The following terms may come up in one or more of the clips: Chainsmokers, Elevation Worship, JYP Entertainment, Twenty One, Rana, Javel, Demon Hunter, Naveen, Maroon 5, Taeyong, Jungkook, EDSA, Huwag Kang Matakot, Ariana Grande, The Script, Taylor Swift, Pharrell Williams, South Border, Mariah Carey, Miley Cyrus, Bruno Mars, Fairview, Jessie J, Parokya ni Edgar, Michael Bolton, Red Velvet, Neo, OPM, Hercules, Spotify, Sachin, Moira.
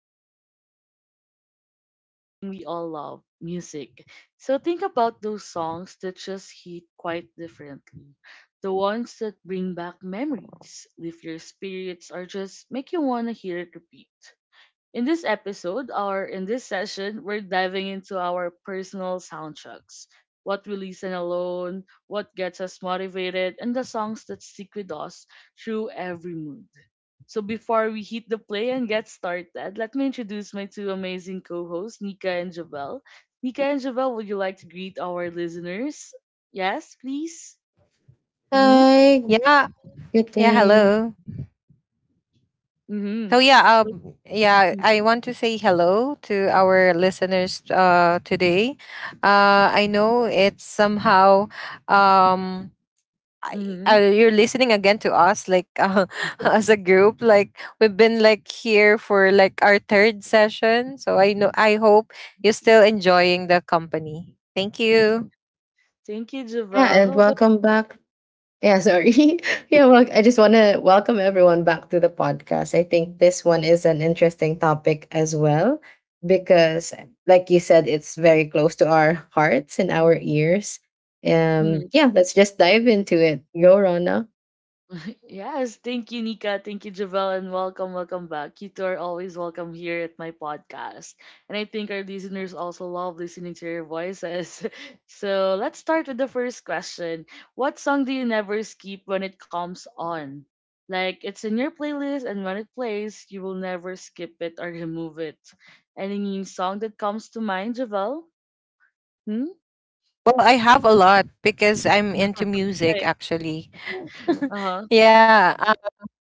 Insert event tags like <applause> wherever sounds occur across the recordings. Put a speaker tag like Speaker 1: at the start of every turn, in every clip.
Speaker 1: today we're tuning into something we all love, music. So think about those songs that just hit quite differently. The ones that bring back memories, lift your spirits, or just make you want to hear it repeat. In this episode, or in this session, we're diving into our personal soundtracks. What we listen alone, what gets us motivated, and the songs that stick with us through every mood. So before we hit the play and get started, let me introduce my two amazing co-hosts, Nika and Javel. Nika and Javel, would you like to greet our listeners? Yes, please. Mm-hmm.
Speaker 2: Hi,
Speaker 3: Yeah,
Speaker 2: good
Speaker 3: yeah,
Speaker 2: day.
Speaker 3: hello.
Speaker 1: Mm-hmm.
Speaker 3: So yeah,
Speaker 1: So,
Speaker 3: um yeah, I
Speaker 1: mm-hmm.
Speaker 3: want to say hello to our listeners today. I know it's somehow um
Speaker 1: Mm-hmm.
Speaker 3: you're listening again to us like <laughs> as a group like we've been like here for like our third session. So I know I hope you're still enjoying the company. Thank you.
Speaker 1: Thank you,
Speaker 2: Yeah,
Speaker 1: Javel.
Speaker 2: and
Speaker 1: How about?
Speaker 2: welcome back. Yeah, sorry. <laughs> I just want to welcome everyone back to the podcast. I think this one is an interesting topic as well because, like you said, it's very close to our hearts and our ears.
Speaker 1: Mm-hmm.
Speaker 2: Yeah, let's just dive into it. Go, Rana.
Speaker 1: Yes, thank you, Nika. Thank you, Javel, and welcome, welcome back. You two are always welcome here at my podcast. And I think our listeners also love listening to your voices. <laughs> So let's start with the first question. What song do you never skip when it comes on? Like it's in your playlist and when it plays, you will never skip it or remove it. Any song that comes to mind, Javel? Hmm?
Speaker 3: Well, I have a lot because I'm into
Speaker 1: Right.
Speaker 3: music actually.
Speaker 1: Uh-huh.
Speaker 3: Yeah,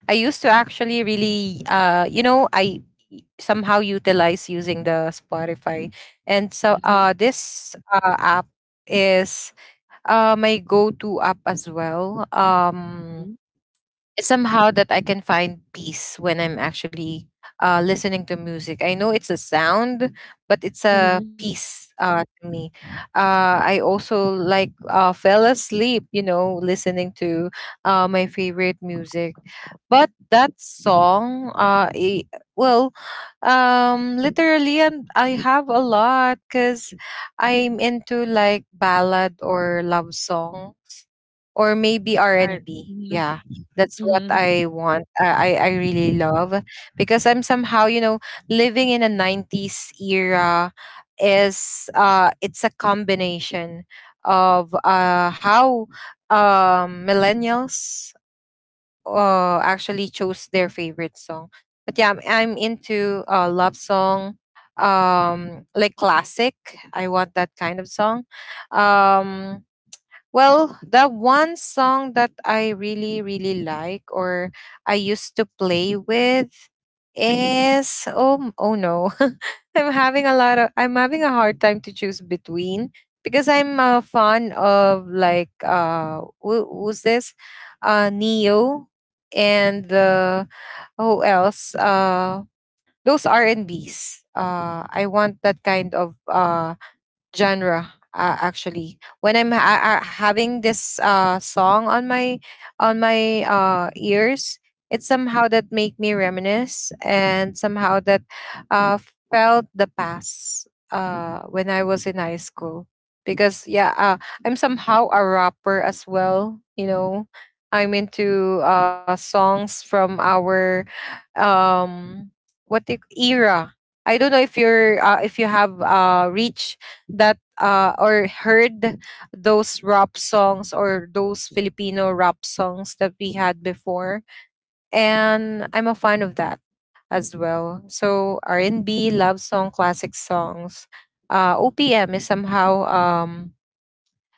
Speaker 3: I used to actually really, I somehow utilize using the Spotify, and so
Speaker 1: <laughs>
Speaker 3: this app is my go-to app as well. It's somehow that I can find peace when I'm actually listening to music. I know it's a sound, but it's
Speaker 1: Right.
Speaker 3: a
Speaker 1: Hmm.
Speaker 3: peace to me. I also like fell asleep, you know, listening to my favorite music. But that song, I- well, Literally, and I have a lot because I'm into like ballad or love song, or maybe
Speaker 1: Right.
Speaker 3: R&B.
Speaker 1: Mm-hmm.
Speaker 3: Yeah, that's what
Speaker 1: Mm-hmm.
Speaker 3: I want. I really love because I'm somehow, you know, living in a 90s era. Is it's a combination of how millennials actually chose their favorite song. But yeah, I'm into love song like classic. I want that kind of song. Um well, the one song that I really, really like or I used to play with is oh, oh no. <laughs> I'm having a hard time to choose between because I'm a fan of like who's this? Neo and the who else? Those R and Bs. I want that kind of genre, actually when i'm having this song on my ears. It's somehow that make me reminisce and somehow that uh felt the past when I was in high school because yeah, I'm somehow a rapper as well. You know, I'm into songs from our um what the era. I don't know if you have reach that or heard those rap songs or those Filipino rap songs that we had before. And I'm a fan of that as well. So R&B, love song, classic songs. OPM is somehow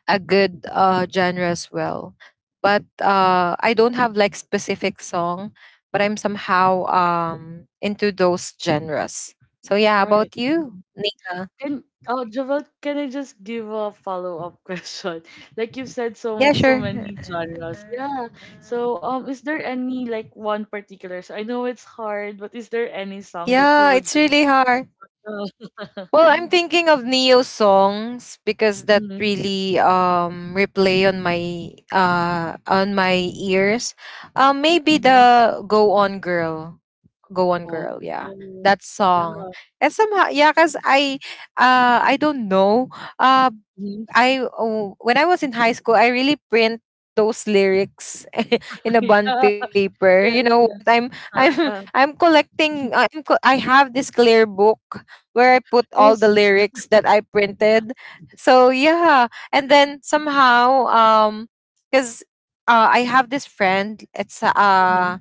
Speaker 3: a good genre as well. But I don't have like specific song, but I'm somehow into those genres. So yeah, how
Speaker 1: Right.
Speaker 3: about you,
Speaker 1: Mm-hmm.
Speaker 3: Nika?
Speaker 1: Can Jovel, can I just give a follow-up <laughs> question? Like you've said
Speaker 3: Yeah,
Speaker 1: so
Speaker 3: sure.
Speaker 1: many genres. Yeah. So is there any like one particular, so I know it's hard, but is there any song that you
Speaker 3: Yeah,
Speaker 1: would
Speaker 3: it's really
Speaker 1: just
Speaker 3: hard.
Speaker 1: uh,
Speaker 3: Well,
Speaker 1: <laughs>
Speaker 3: I'm thinking of Neo songs because that
Speaker 1: mhm,
Speaker 3: really replay on my ears. Maybe
Speaker 1: uh-huh.
Speaker 3: the Go On Girl. Go On
Speaker 1: Oh,
Speaker 3: Girl, yeah.
Speaker 1: oh,
Speaker 3: That
Speaker 1: yeah.
Speaker 3: song. And somehow yeah, cuz I don't know. Uh
Speaker 1: Mhm.
Speaker 3: when I was in high school, I really print those lyrics <laughs> in
Speaker 1: <laughs>
Speaker 3: a bond
Speaker 1: Yeah,
Speaker 3: paper. You
Speaker 1: yes,
Speaker 3: know,
Speaker 1: yes.
Speaker 3: I'm I'm
Speaker 1: Yeah.
Speaker 3: <laughs> I'm collecting. I have this clear book where I put all the
Speaker 1: Yes.
Speaker 3: lyrics that I printed. So yeah, and then somehow because. I have this friend. It's
Speaker 1: Mm-hmm.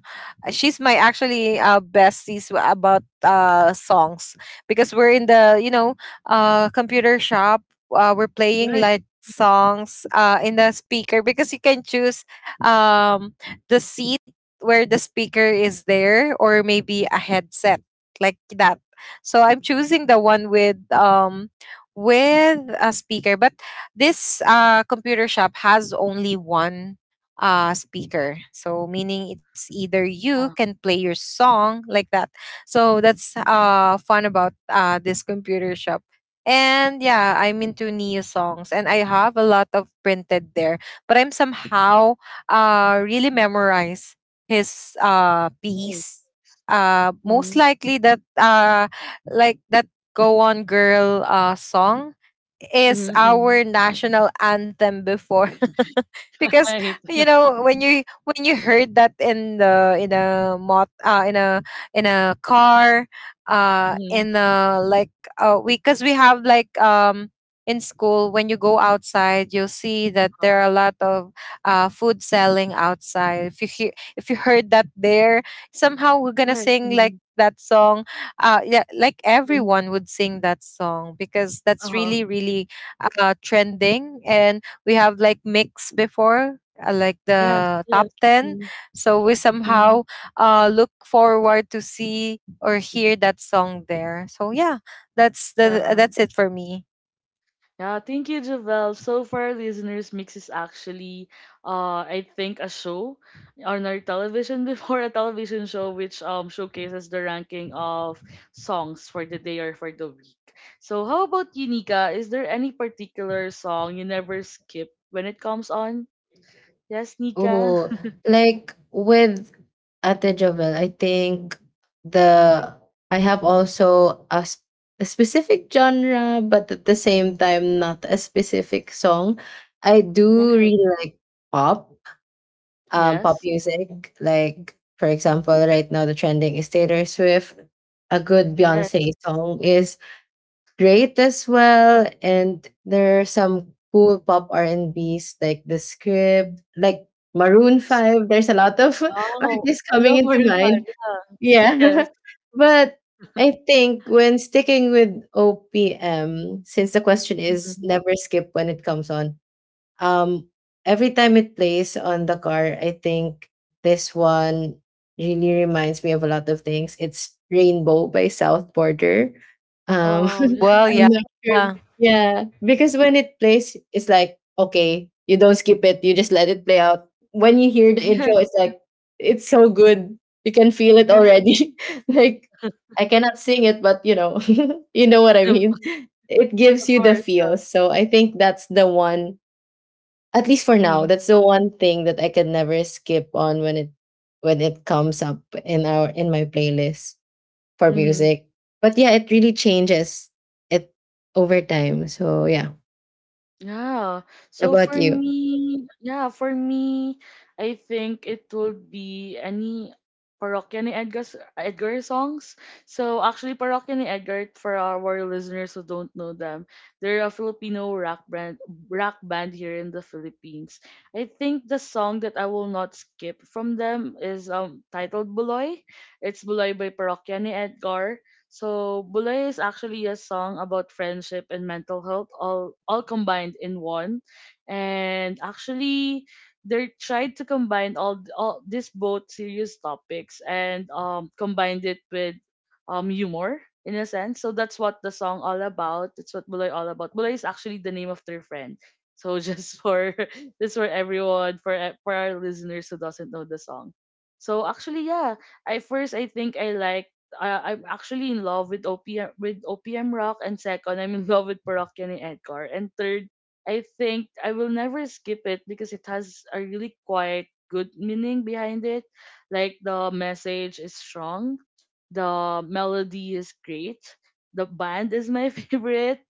Speaker 3: she's my actually besties about songs because we're in the you know computer shop. We're playing
Speaker 1: Right.
Speaker 3: like songs in the speaker because you can choose um, the seat where the speaker is there or maybe a headset like that. So I'm choosing the one with a speaker, but this computer shop has only one speaker, so meaning it's either you
Speaker 1: Yeah.
Speaker 3: can play your song like that. So that's fun about this computer shop. And yeah, I'm into Nia songs and I have a lot of printed there. But I'm somehow really memorize his
Speaker 1: Yes.
Speaker 3: piece.
Speaker 1: Mm-hmm.
Speaker 3: Most likely that like that Go On Girl song is
Speaker 1: Mm-hmm.
Speaker 3: our national anthem before <laughs>
Speaker 1: <laughs>
Speaker 3: because
Speaker 1: Right.
Speaker 3: you know when you heard that in the in a mot in a car,
Speaker 1: Mm-hmm.
Speaker 3: in a like we, because we have like in school when you go outside you'll see that
Speaker 1: Uh,
Speaker 3: there are a lot of food selling outside. If you hear, if you heard that there, somehow we're gonna
Speaker 1: right.
Speaker 3: sing like that song. Yeah, like
Speaker 1: Mm-hmm.
Speaker 3: everyone would sing that song because that's really really trending. And we have like mix before, like
Speaker 1: Yes,
Speaker 3: the top
Speaker 1: yes.
Speaker 3: 10.
Speaker 1: Mm,
Speaker 3: So we
Speaker 1: mhm.
Speaker 3: somehow look forward to see or hear that song there. So yeah, that's the
Speaker 1: Yeah,
Speaker 3: that's it for me.
Speaker 1: yeah. Thank you, Javel. So for our listeners, Mix is actually, I think a show on our television, <laughs> before, a television show, which showcases the ranking of songs for the day or for the week. So how about you, Nika? Is there any particular song you never skip when it comes on? Yes, Nika.
Speaker 2: Oh, like with Ate Jovel, I think the I have also a specific genre, but at the same time not a specific song. I do
Speaker 1: Right.
Speaker 2: really like pop, pop
Speaker 1: Yes.
Speaker 2: music. Like for example, right now the trending is Taylor Swift. A good
Speaker 1: Yes.
Speaker 2: Beyonce song is great as well. And there are some cool pop R&Bs like The Script, like Maroon
Speaker 1: Yes.
Speaker 2: 5. There's a lot of <laughs>
Speaker 1: Oh,
Speaker 2: artists
Speaker 1: I love
Speaker 2: coming into
Speaker 1: Maroon Five.
Speaker 2: mind.
Speaker 1: Yeah. Yes.
Speaker 2: Yeah. <laughs> But I think when sticking with OPM, since the question
Speaker 1: Mhm.
Speaker 2: is never skip when it comes on, um, every time it plays on the car, I think this one really reminds me of a lot of things. It's Rainbow by South Border. Um,
Speaker 1: Oh, yeah.
Speaker 3: well
Speaker 2: I'm
Speaker 3: yeah
Speaker 2: not sure. Yeah, because when it plays, it's like, okay, you don't skip it, you just let it play out. When you hear the
Speaker 1: Yes,
Speaker 2: intro, it's like, it's so good. You can feel it
Speaker 1: <laughs>
Speaker 2: already. <laughs> Like, I cannot sing it, but you know, <laughs> you know what I mean. It gives
Speaker 1: of
Speaker 2: you the
Speaker 1: course. Uh,
Speaker 2: feel. So I think that's the one, at least for now,
Speaker 1: mhm,
Speaker 2: that's the one thing that I can never skip on when it comes up in our in my playlist for
Speaker 1: mhm.
Speaker 2: music. But yeah, it really changes it over time. So yeah.
Speaker 1: Yeah.
Speaker 2: How
Speaker 1: So
Speaker 2: about
Speaker 1: for
Speaker 2: you?
Speaker 1: me, yeah, for me, I think it will be any Parokya ni Edgar's Edgar songs. So actually, Parokya ni Edgar, for our listeners who don't know them, they're a Filipino rock band here in the Philippines. I think the song that I will not skip from them is titled "Buloy." It's "Buloy" by Parokya ni Edgar. So Bulay is actually a song about friendship and mental health, all combined in one. And actually, they tried to combine all these both serious topics and combined it with humor in a sense. So that's what the song all about. It's what Bulay all about. Bulay is actually the name of their friend. So just <laughs> for just for everyone, for for our listeners who doesn't know the song. So actually, yeah, I first, I think I like I'm actually in love with OPM, with OPM Rock, and second I'm in love with Parokya ni Edgar, and third I think I will never skip it because it has a really quite good meaning behind it, like the message is strong, the melody is great, the band is my <laughs> favorite.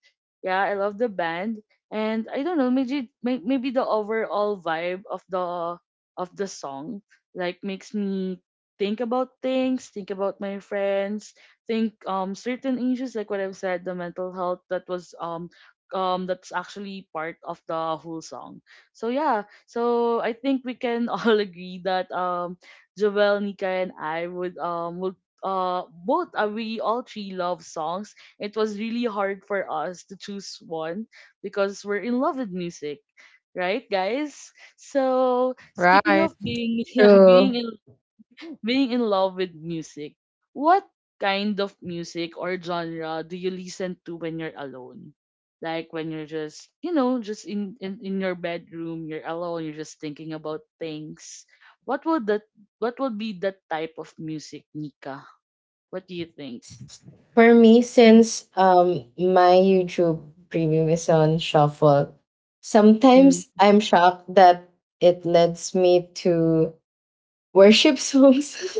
Speaker 1: Yeah, I love the band. And I don't know, maybe maybe the overall vibe of the song, like, makes me think about things, think about my friends, think certain issues, like what I've said, the mental health that was that's actually part of the whole song. So yeah, so I think we can <laughs> all agree that Joel, Nika, and I would both we all three love songs. It was really hard for us to choose one because we're in love with music. Right, guys? So speaking of
Speaker 3: right
Speaker 1: being <laughs> being
Speaker 2: True.
Speaker 1: in being in love with music. What kind of music or genre do you listen to when you're alone? Like when you're just, you know, just in your bedroom, you're alone, you're just thinking about things. What would that what would be that type of music, Nika? What do you think?
Speaker 2: For me, since my YouTube premium is on shuffle, sometimes
Speaker 1: Mhm.
Speaker 2: I'm shocked that it leads me to worship songs.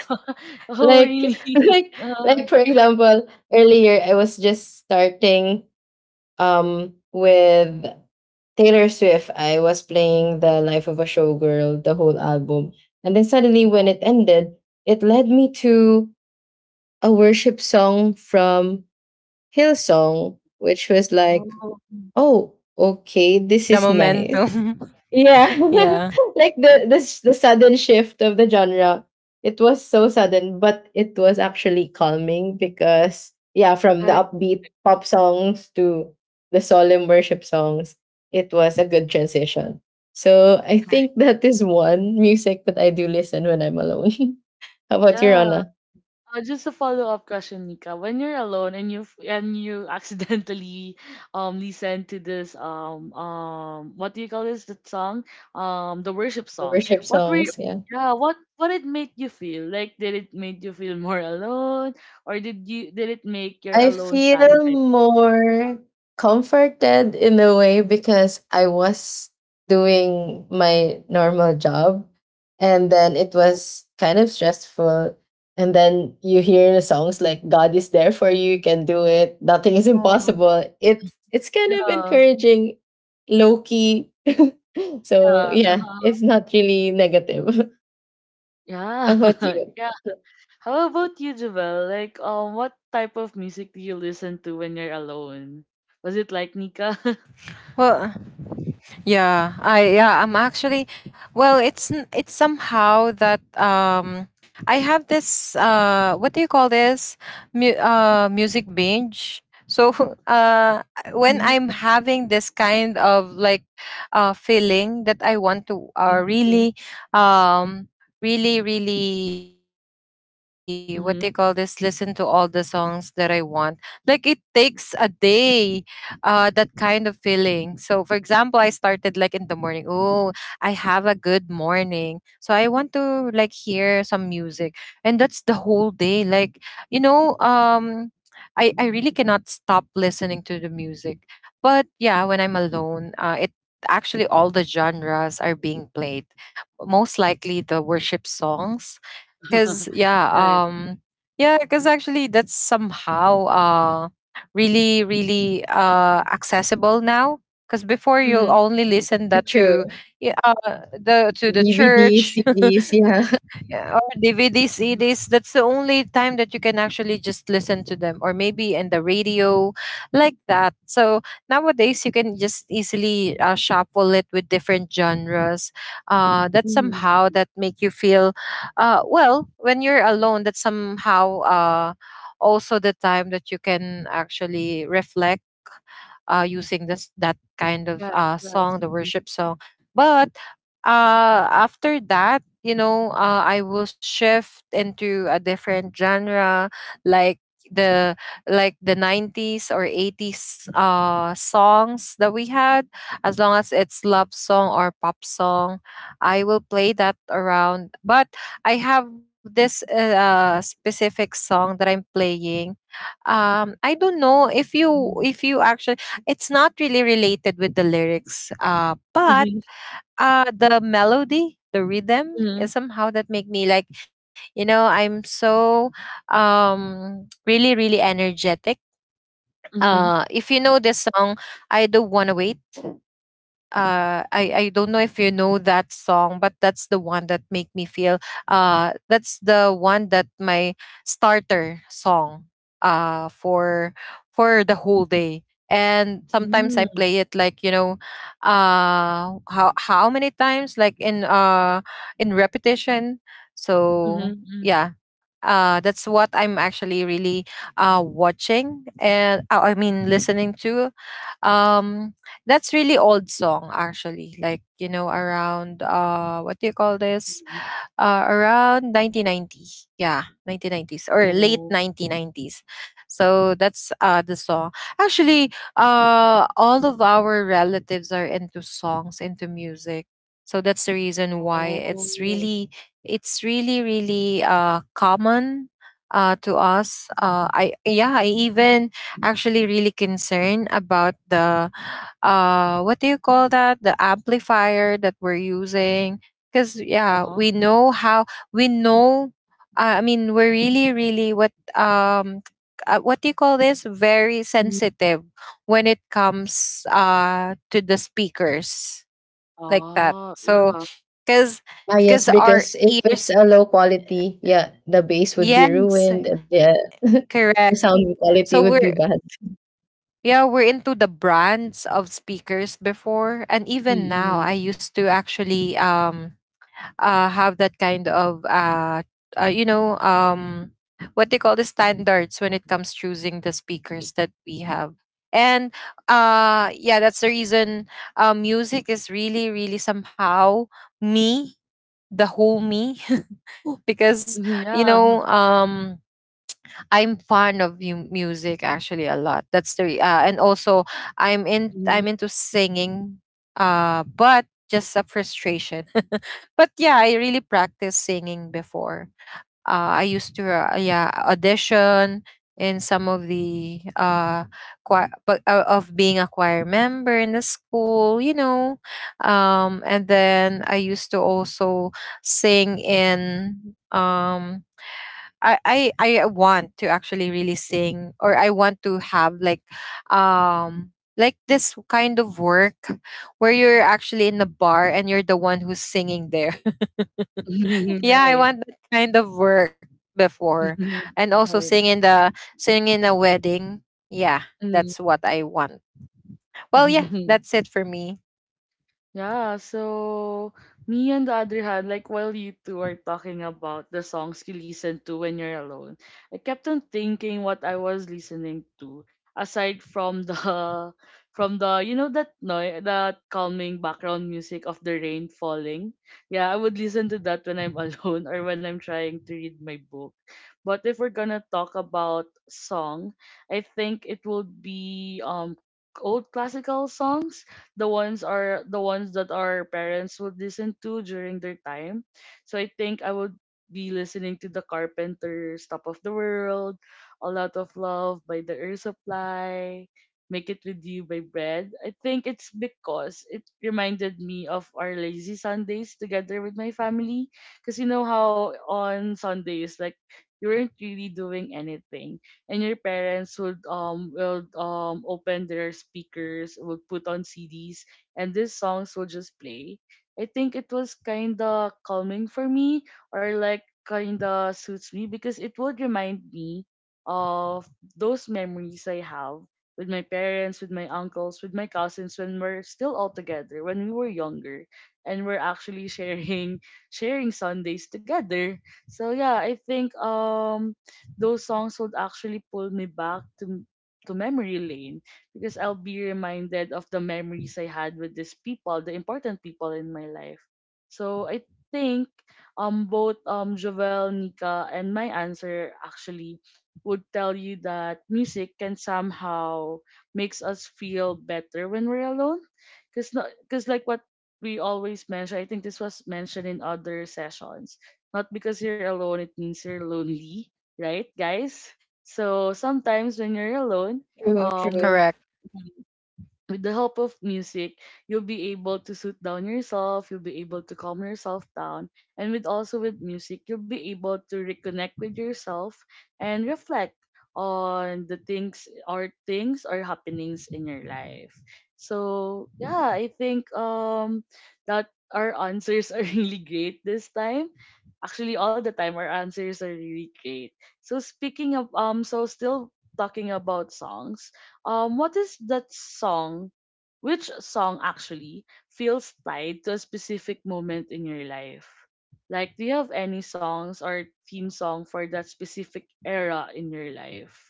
Speaker 1: <laughs>
Speaker 2: <laughs>
Speaker 1: Oh
Speaker 2: like
Speaker 1: really? <laughs>
Speaker 2: like
Speaker 1: Uh,
Speaker 2: like for example, earlier I was just starting with Taylor Swift, I was playing the Life of a Showgirl, the whole album. And then suddenly when it ended, it led me to a worship song from Hillsong, which was like,
Speaker 1: oh,
Speaker 2: oh, okay, this
Speaker 3: the
Speaker 2: is nice.
Speaker 3: momentum.
Speaker 2: Yeah.
Speaker 3: <laughs> yeah
Speaker 2: <laughs> Like the sudden shift of the genre. It was so sudden, but it was actually calming because yeah, from the
Speaker 1: right.
Speaker 2: upbeat pop songs to the solemn worship songs, it was a good transition. So I
Speaker 1: Right.
Speaker 2: think that is one music that I do listen when I'm alone. <laughs> How about your
Speaker 1: Yeah.
Speaker 2: Anna?
Speaker 1: Just a follow-up question, Nika. When you're alone and you accidentally <laughs> listen to this what do you call this, that song, the worship
Speaker 2: The
Speaker 1: song,
Speaker 2: worship
Speaker 1: what were you,
Speaker 2: songs, yeah.
Speaker 1: yeah, what it made you feel, like did it make you feel more alone or did you, did it make your
Speaker 2: I
Speaker 1: alone time
Speaker 2: feel
Speaker 1: better?
Speaker 2: more comforted in a way because I was doing my normal job and then it was kind of stressful. And then you hear the songs like God is there for you, you can do it, nothing is
Speaker 1: Oh,
Speaker 2: impossible. It's kind of
Speaker 1: yeah,
Speaker 2: encouraging low key. <laughs> So
Speaker 1: yeah,
Speaker 2: yeah,
Speaker 1: uh-huh.
Speaker 2: it's not really negative. <laughs>
Speaker 1: Yeah.
Speaker 2: How about
Speaker 1: <laughs>
Speaker 2: you?
Speaker 1: Yeah. How about you, Javel? Like what type of music do you listen to when you're alone? Was it like Nika? <laughs>
Speaker 3: Well, yeah, I'm actually, well, it's somehow that I have this what do you call this? Music binge. So <laughs> uh when
Speaker 1: Mhm,
Speaker 3: I'm having this kind of like feeling that I want to
Speaker 1: mhm, mhm,
Speaker 3: really um really what do you call this, listen to all the
Speaker 1: mhm.
Speaker 3: songs that I want. Like it takes a day that kind of feeling. So for example, I started like in the morning, oh, I have a good morning. So I want to like hear some music. And that's the whole day. Like, you know, I really cannot stop listening to the music. But yeah, when I'm alone, it actually all the genres are being played, most likely the worship songs. Cause
Speaker 1: <laughs>
Speaker 3: yeah,
Speaker 1: Right.
Speaker 3: um yeah, because actually that's somehow really, really accessible now. Cause before you
Speaker 1: Mhm,
Speaker 3: only listen that
Speaker 2: True.
Speaker 3: to yeah, the to the
Speaker 2: DVDs,
Speaker 3: church.
Speaker 2: CDs,
Speaker 3: <laughs>
Speaker 2: yeah. <laughs>
Speaker 3: Yeah, or DVD,
Speaker 1: mhm,
Speaker 3: CDs. That's the only time that you can actually just listen to them, or maybe in the radio, like that. So nowadays, you can just easily shuffle it with different genres. That
Speaker 1: mhm.
Speaker 3: somehow that make you feel, well, when you're alone. That somehow also the time that you can actually reflect using this that kind of
Speaker 1: Yes,
Speaker 3: song, the
Speaker 1: yes.
Speaker 3: worship song. But after that, you know, I will shift into a different genre, like the like the 90s or 80s songs that we had, as long as it's love song or pop song. I will play that around. But I have this specific song that I'm playing, I don't know
Speaker 1: Mhm,
Speaker 3: if you actually, it's not really related with the lyrics, but
Speaker 1: mhm,
Speaker 3: the melody, the rhythm,
Speaker 1: mhm,
Speaker 3: is somehow that make me like, you know, I'm so really, really energetic.
Speaker 1: mhm, mhm.
Speaker 3: If you know this song, I don't wanna wait. I don't know if you know that song, but that's the one that make me feel that's the one that my starter song uh for for the whole day. And sometimes I
Speaker 1: Mm,
Speaker 3: play it like, you know, how many times like in repetition. So
Speaker 1: mhm, mm,
Speaker 3: yeah, that's what I'm actually really watching and I mean listening to, um, that's really old song actually. Like, you know, around what do you call this?
Speaker 1: mhm.
Speaker 3: Around 1990. Yeah, 1990s or late
Speaker 1: Oh,
Speaker 3: 1990s. So that's the song. Actually, all of our relatives are into songs, into music. So that's the reason why
Speaker 1: oh,
Speaker 3: it's really, really common to us. I yeah, I even actually really concerned about the what do you call that? The amplifier that we're using, because yeah
Speaker 1: uh-huh.
Speaker 3: we know how we know. We're really really what do you call this, very
Speaker 1: Mhm.
Speaker 3: sensitive when it comes to the speakers like that.
Speaker 1: Ah, yeah.
Speaker 3: So because
Speaker 2: Ah, yes,
Speaker 3: because our
Speaker 2: because if it's
Speaker 3: ears,
Speaker 2: a low quality, yeah, the bass would be
Speaker 3: yes,
Speaker 2: ruined and yeah,
Speaker 3: correct.
Speaker 2: <laughs> the sound
Speaker 3: So
Speaker 2: quality would
Speaker 3: we're,
Speaker 2: be bad.
Speaker 3: yeah, we're into the brands of speakers before and
Speaker 1: Mm,
Speaker 3: even now.
Speaker 1: mhm,
Speaker 3: I used to actually have that kind of uh, you know um, what they call the standards when it comes choosing the speakers that we have. And yeah, that's the reason music is really really somehow me, the whole me. <laughs> Because
Speaker 1: mhm,
Speaker 3: you
Speaker 1: yeah.
Speaker 3: know I'm fond of music actually a lot. And also
Speaker 1: Mhm,
Speaker 3: I'm into singing, but just a frustration. <laughs> But yeah, I really practiced singing before. I used to yeah audition in some of the choir, but of being a choir member in the school, you know. And then I used to also sing in um I, I I want to actually really sing, or I want to have um like this kind of work where you're actually in the bar and you're the one who's singing there.
Speaker 1: <laughs>
Speaker 3: <laughs> Yeah, I
Speaker 1: right.
Speaker 3: want that kind of work before.
Speaker 1: Mhm,
Speaker 3: And also
Speaker 1: right.
Speaker 3: sing in the, sing in a wedding. Yeah,
Speaker 1: Mm.
Speaker 3: that's what I want. Well yeah,
Speaker 1: <laughs>
Speaker 3: that's it for me.
Speaker 1: Yeah, so me on the other hand, like while you two are talking about the songs you listen to when you're alone, I kept on thinking what I was listening to. Aside from the <laughs> from the, you know, that noise, that calming background music of the rain falling. Yeah, I would listen to that when I'm <laughs> alone or when I'm trying to read my book. But if we're gonna talk about song, I think it will be old classical songs, the ones are the ones that our parents would listen to during their time. So I think I would be listening to the Carpenters, Top of the World, A Lot of Love by the Air Supply, Make It With You by Bread. I think it's because it reminded me of our lazy Sundays together with my family. Because you know how on Sundays, like, you weren't really doing anything and your parents would will open their speakers, would put on CDs, and these songs would just play. I think it was kinda calming for me, or like kinda suits me because it would remind me of those memories I have with my parents, with my uncles, with my cousins when we're still all together, when we were younger, and we're actually sharing <laughs> sharing Sundays together. So yeah, I think those songs would actually pull me back to memory lane because I'll be reminded of the memories I had with these people, the important people in my life. So I think both Jovel, Nika, and my answer actually would tell you that music can somehow makes us feel better when we're alone. Cause not cause like what we always mention, I think this was mentioned in other sessions. Not because you're alone, it means you're lonely, right, guys? So sometimes when you're alone,
Speaker 2: True,
Speaker 1: um, with
Speaker 2: true.
Speaker 3: Correct.
Speaker 1: with the help of music, you'll be able to suit down yourself, you'll be able to calm yourself down. And with also with music, you'll be able to reconnect with yourself and reflect on the things or things or happenings in your life. So yeah, I think that our answers are <laughs> really great this time. Actually all the time our answers are really great. So speaking of so still talking about songs, what is that song? Which song actually feels tied to a specific moment in your life? Like, do you have any songs or theme song for that specific era in your life?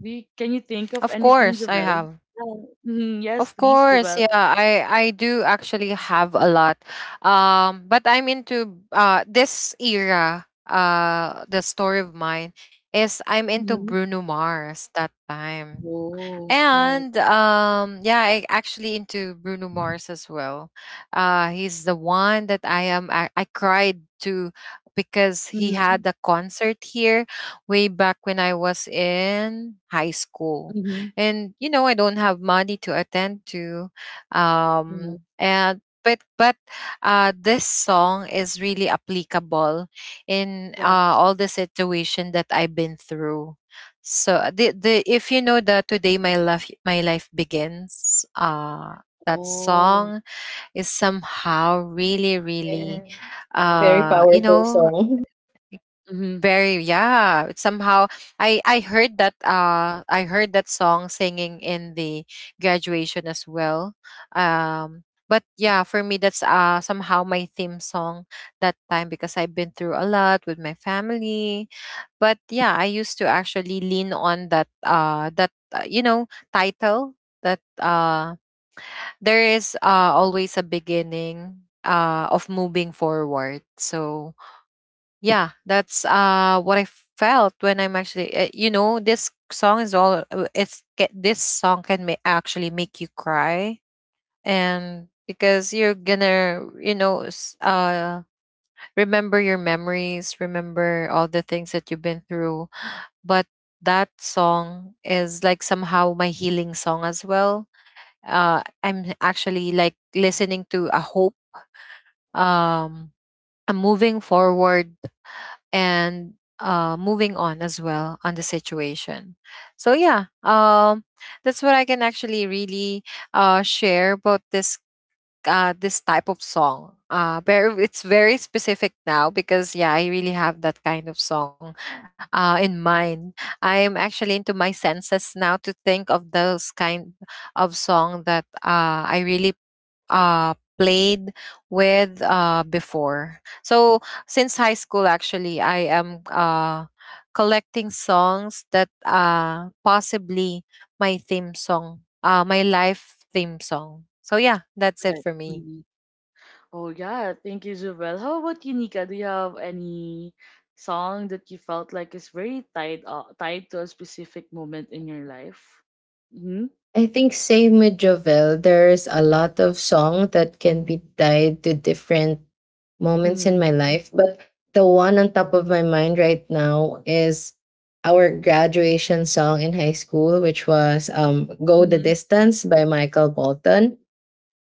Speaker 1: We can you
Speaker 3: Of
Speaker 1: think of
Speaker 3: course I
Speaker 1: anything,
Speaker 3: have.
Speaker 1: Javel? Oh, mhm,
Speaker 3: Of
Speaker 1: yes, please,
Speaker 3: course,
Speaker 1: Javel.
Speaker 3: yeah, I do actually have a lot, but I'm into this era. The story of mine is I'm into
Speaker 1: Mm-hmm.
Speaker 3: Bruno Mars that time.
Speaker 1: Oh, right.
Speaker 3: And yeah, I actually into Bruno Mars as well. He's the one that I cried to because he
Speaker 1: Mm-hmm.
Speaker 3: had a concert here way back when I was in high school,
Speaker 1: Mm-hmm.
Speaker 3: and you know I don't have money to attend to.
Speaker 1: Hmm.
Speaker 3: And but This song is really applicable in
Speaker 1: Yes.
Speaker 3: uh, all the situation that I've been through, so the if you know that today my life begins, that
Speaker 1: Oh.
Speaker 3: song is somehow really, really,
Speaker 2: Yeah. Very
Speaker 3: uh you
Speaker 2: powerful
Speaker 3: know
Speaker 2: song.
Speaker 1: Mm-hmm.
Speaker 3: very, yeah. Somehow I heard that song singing in the graduation as well. Um but yeah, for me that's somehow my theme song that time because I've been through a lot with my family. But yeah, I used to actually lean on that title, that there is always a beginning of moving forward. So yeah, that's what I felt when I'm actually, this song is this song can actually make you cry. And because you're gonna, remember your memories, remember all the things that you've been through, but that song is like somehow my healing song as well. I'm actually like listening to a hope, um a moving forward, and moving on as well on the situation. So that's what I can actually really share about this type of song. Very, it's very specific now because yeah, I really have that kind of song in mind. I am actually into my senses now to think of those kind of song that, I really uh played with before. So since high school actually, I am collecting songs that possibly my theme song, my life theme song. So yeah, that's it for me.
Speaker 1: Right. Oh yeah, thank you, Jovel. How about you, Nika? Do you have any song that you felt like is very tied, tied to a specific moment in your life? Mm-hmm.
Speaker 2: <laughs> I think same with Jovel, there's a lot of song that can be tied to different moments in my
Speaker 1: Mm-hmm.
Speaker 2: life, but the one on top of my mind right now is our graduation song in high school, which was Go the
Speaker 1: Mm-hmm.
Speaker 2: Distance by Michael Bolton.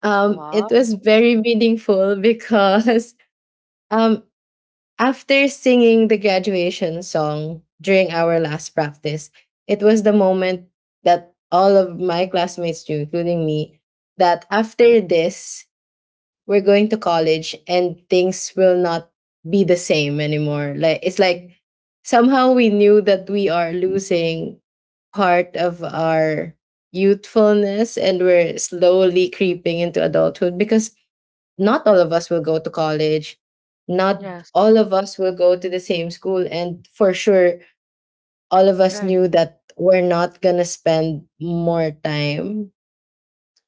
Speaker 2: It
Speaker 1: Wow.
Speaker 2: was very meaningful because <laughs> um, after singing the graduation song during our last practice, it was the moment that all of my classmates knew, including me, that after this, we're going to college and things will not be the same anymore. Like it's like somehow we knew that we are losing part of our youthfulness and we're slowly creeping into adulthood because not all of us will go to college. Not
Speaker 1: Yes.
Speaker 2: all of us will go to the same school. And for sure, all of us
Speaker 1: Right.
Speaker 2: knew that we're not going to spend more time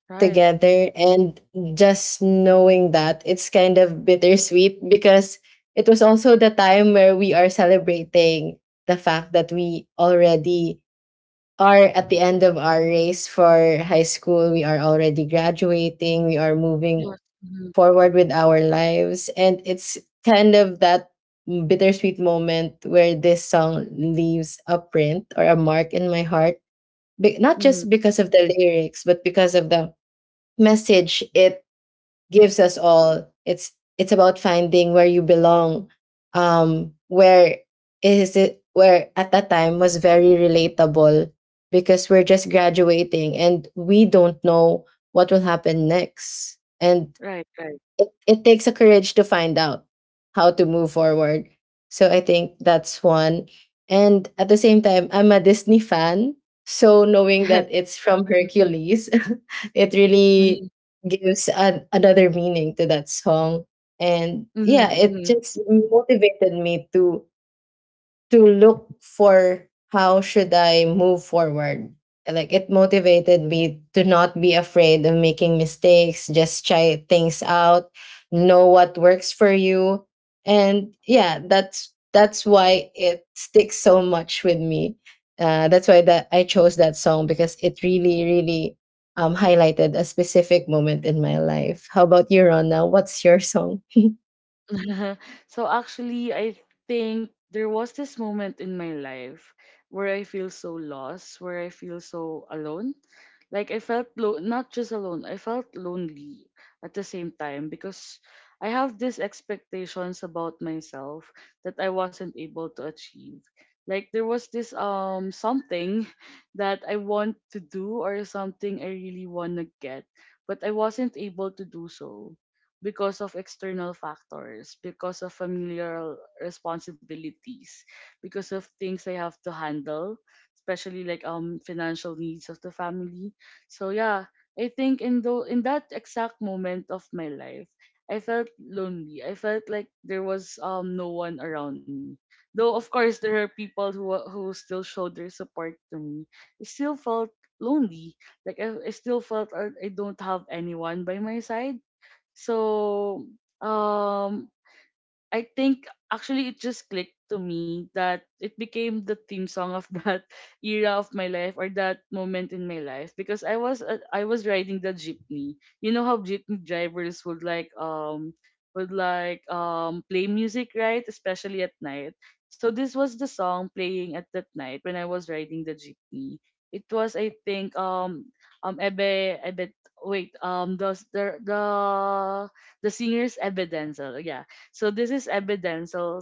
Speaker 1: Right.
Speaker 2: together, and just knowing that it's kind of bittersweet because it was also the time where we are celebrating the fact that we already are at the end of our race for high school. We are already graduating, we are moving
Speaker 1: Yes. Mm-hmm.
Speaker 2: forward with our lives, and it's kind of that bittersweet moment where this song leaves a print or a mark in my heart. Not just
Speaker 1: Mm-hmm.
Speaker 2: because of the lyrics but because of the message it gives us all. It's about finding where you belong, where is it where at that time was very relatable because we're just graduating and we don't know what will happen next. And
Speaker 1: Right. Right.
Speaker 2: it takes a courage to find out how to move forward. So I think that's one. And at the same time, I'm a Disney fan. So knowing that
Speaker 1: <laughs>
Speaker 2: it's from Hercules, <laughs> it
Speaker 1: Yes. Mm-hmm.
Speaker 2: really gives a another meaning to that song. And yeah, it
Speaker 1: Mm-hmm.
Speaker 2: just motivated me to look for how should I move forward. Like it motivated me to not be afraid of making mistakes, just try things out, know what works for you. And yeah, that's why it sticks so much with me. That's why that I chose that song because it really, really highlighted a specific moment in my life. How about you, Rona? What's your song?
Speaker 1: <laughs> So actually, I think there was this moment in my life where I feel so lost, where I feel so alone. Like I felt not just alone, I felt lonely at the same time because I have these expectations about myself that I wasn't able to achieve. Like there was this something <laughs> that I want to do or something I really want to get, but I wasn't able to do so because of external factors, because of familial responsibilities, because of things I have to handle, especially like financial needs of the family. So yeah, I think in though in that exact moment of my life, I felt lonely. I felt like there was no one around me. Though of course there are people who who still showed their support to me. I still felt lonely. Like I still felt I don't have anyone by my side, so, um, I think actually it just clicked to me that it became the theme song of that <laughs> era of my life or that moment in my life because I was riding the jeepney. You know how jeepney drivers would would like play music, right, especially at night. So this was the song playing at that night when I was riding the jeepney. It was, I think Ebe, wait, the singer's Ebe Denzel, yeah, so this is Ebbe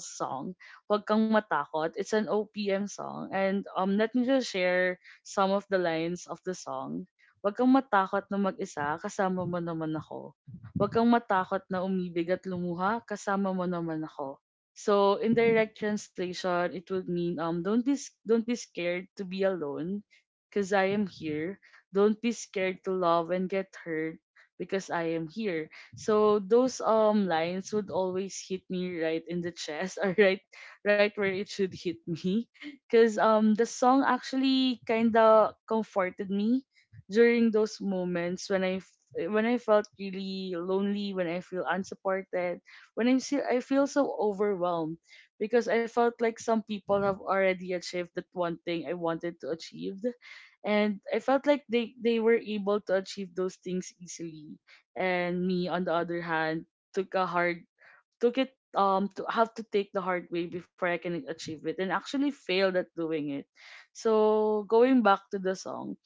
Speaker 1: song, Huwag Kang Matakot. It's an OPM song. And let me just share some of the lines of the song. Huwag kang matakot na mag-isa, kasama mo naman ako. Huwag kang matakot na umibig at lumuha, kasama mo naman ako. So in direct translation, it would mean don't be scared to be alone because I am here. Don't be scared to love and get hurt because I am here. So those lines would always hit me right in the chest <laughs> or right where it should hit me, cuz the song actually kind of comforted me during those moments when I felt really lonely, when I feel unsupported, when I'm still, I feel so overwhelmed because I felt like some people have already achieved that one thing I wanted to achieve, and I felt like they were able to achieve those things easily, and me on the other hand took a hard, took it to have to take the hard way before I can achieve it and actually failed at doing it. So going back to the song,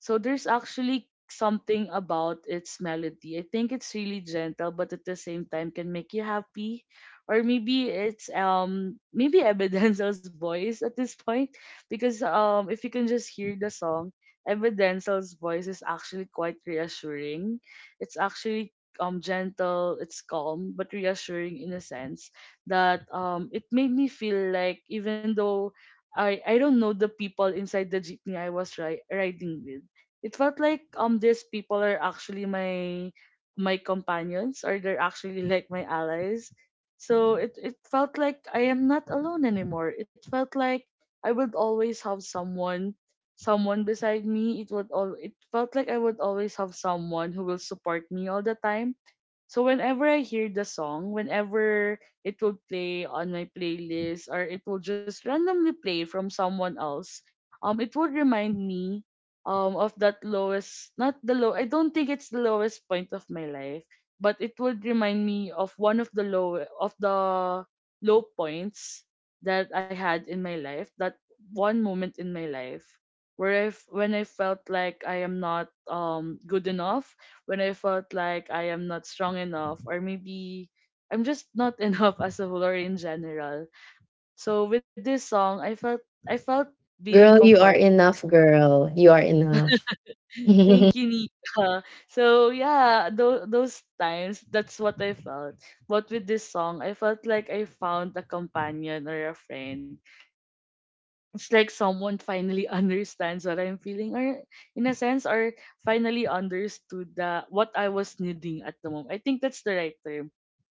Speaker 1: so there's actually something about its melody. I think it's really gentle but at the same time can make you happy. Or maybe it's maybe Evidenzel's <laughs> voice at this point. Because if you can just hear the song, Evidenzel's voice is actually quite reassuring. It's actually gentle, it's calm but reassuring in a sense that it made me feel like even though I don't know the people inside the jeepney riding with, it felt like these people are actually my companions or they're actually like my allies. So it felt like I am not alone anymore. It felt like I would always have someone, someone beside me. It felt like I would always have someone who will support me all the time. So whenever I hear the song, whenever it will play on my playlist or it will just randomly play from someone else, it would remind me of that lowest, not the low. I don't think it's the lowest point of my life, but it would remind me of one of the low points that I had in my life. That one moment in my life when I felt like I am not good enough, when I felt like I am not strong enough, or maybe I'm just not <laughs> enough as a whole or in general. So with this song, I felt, I felt being
Speaker 2: Girl, you
Speaker 1: comforted.
Speaker 2: are enough, girl. You are enough.
Speaker 1: <laughs>
Speaker 2: <laughs>
Speaker 1: Thank you, Nika. So yeah, those times, that's what I felt. But with this song, I felt like I found a companion or a friend. It's like someone finally <laughs> understands what I'm feeling, or in a sense, or finally understood the what I was needing at the moment. I think that's the right term.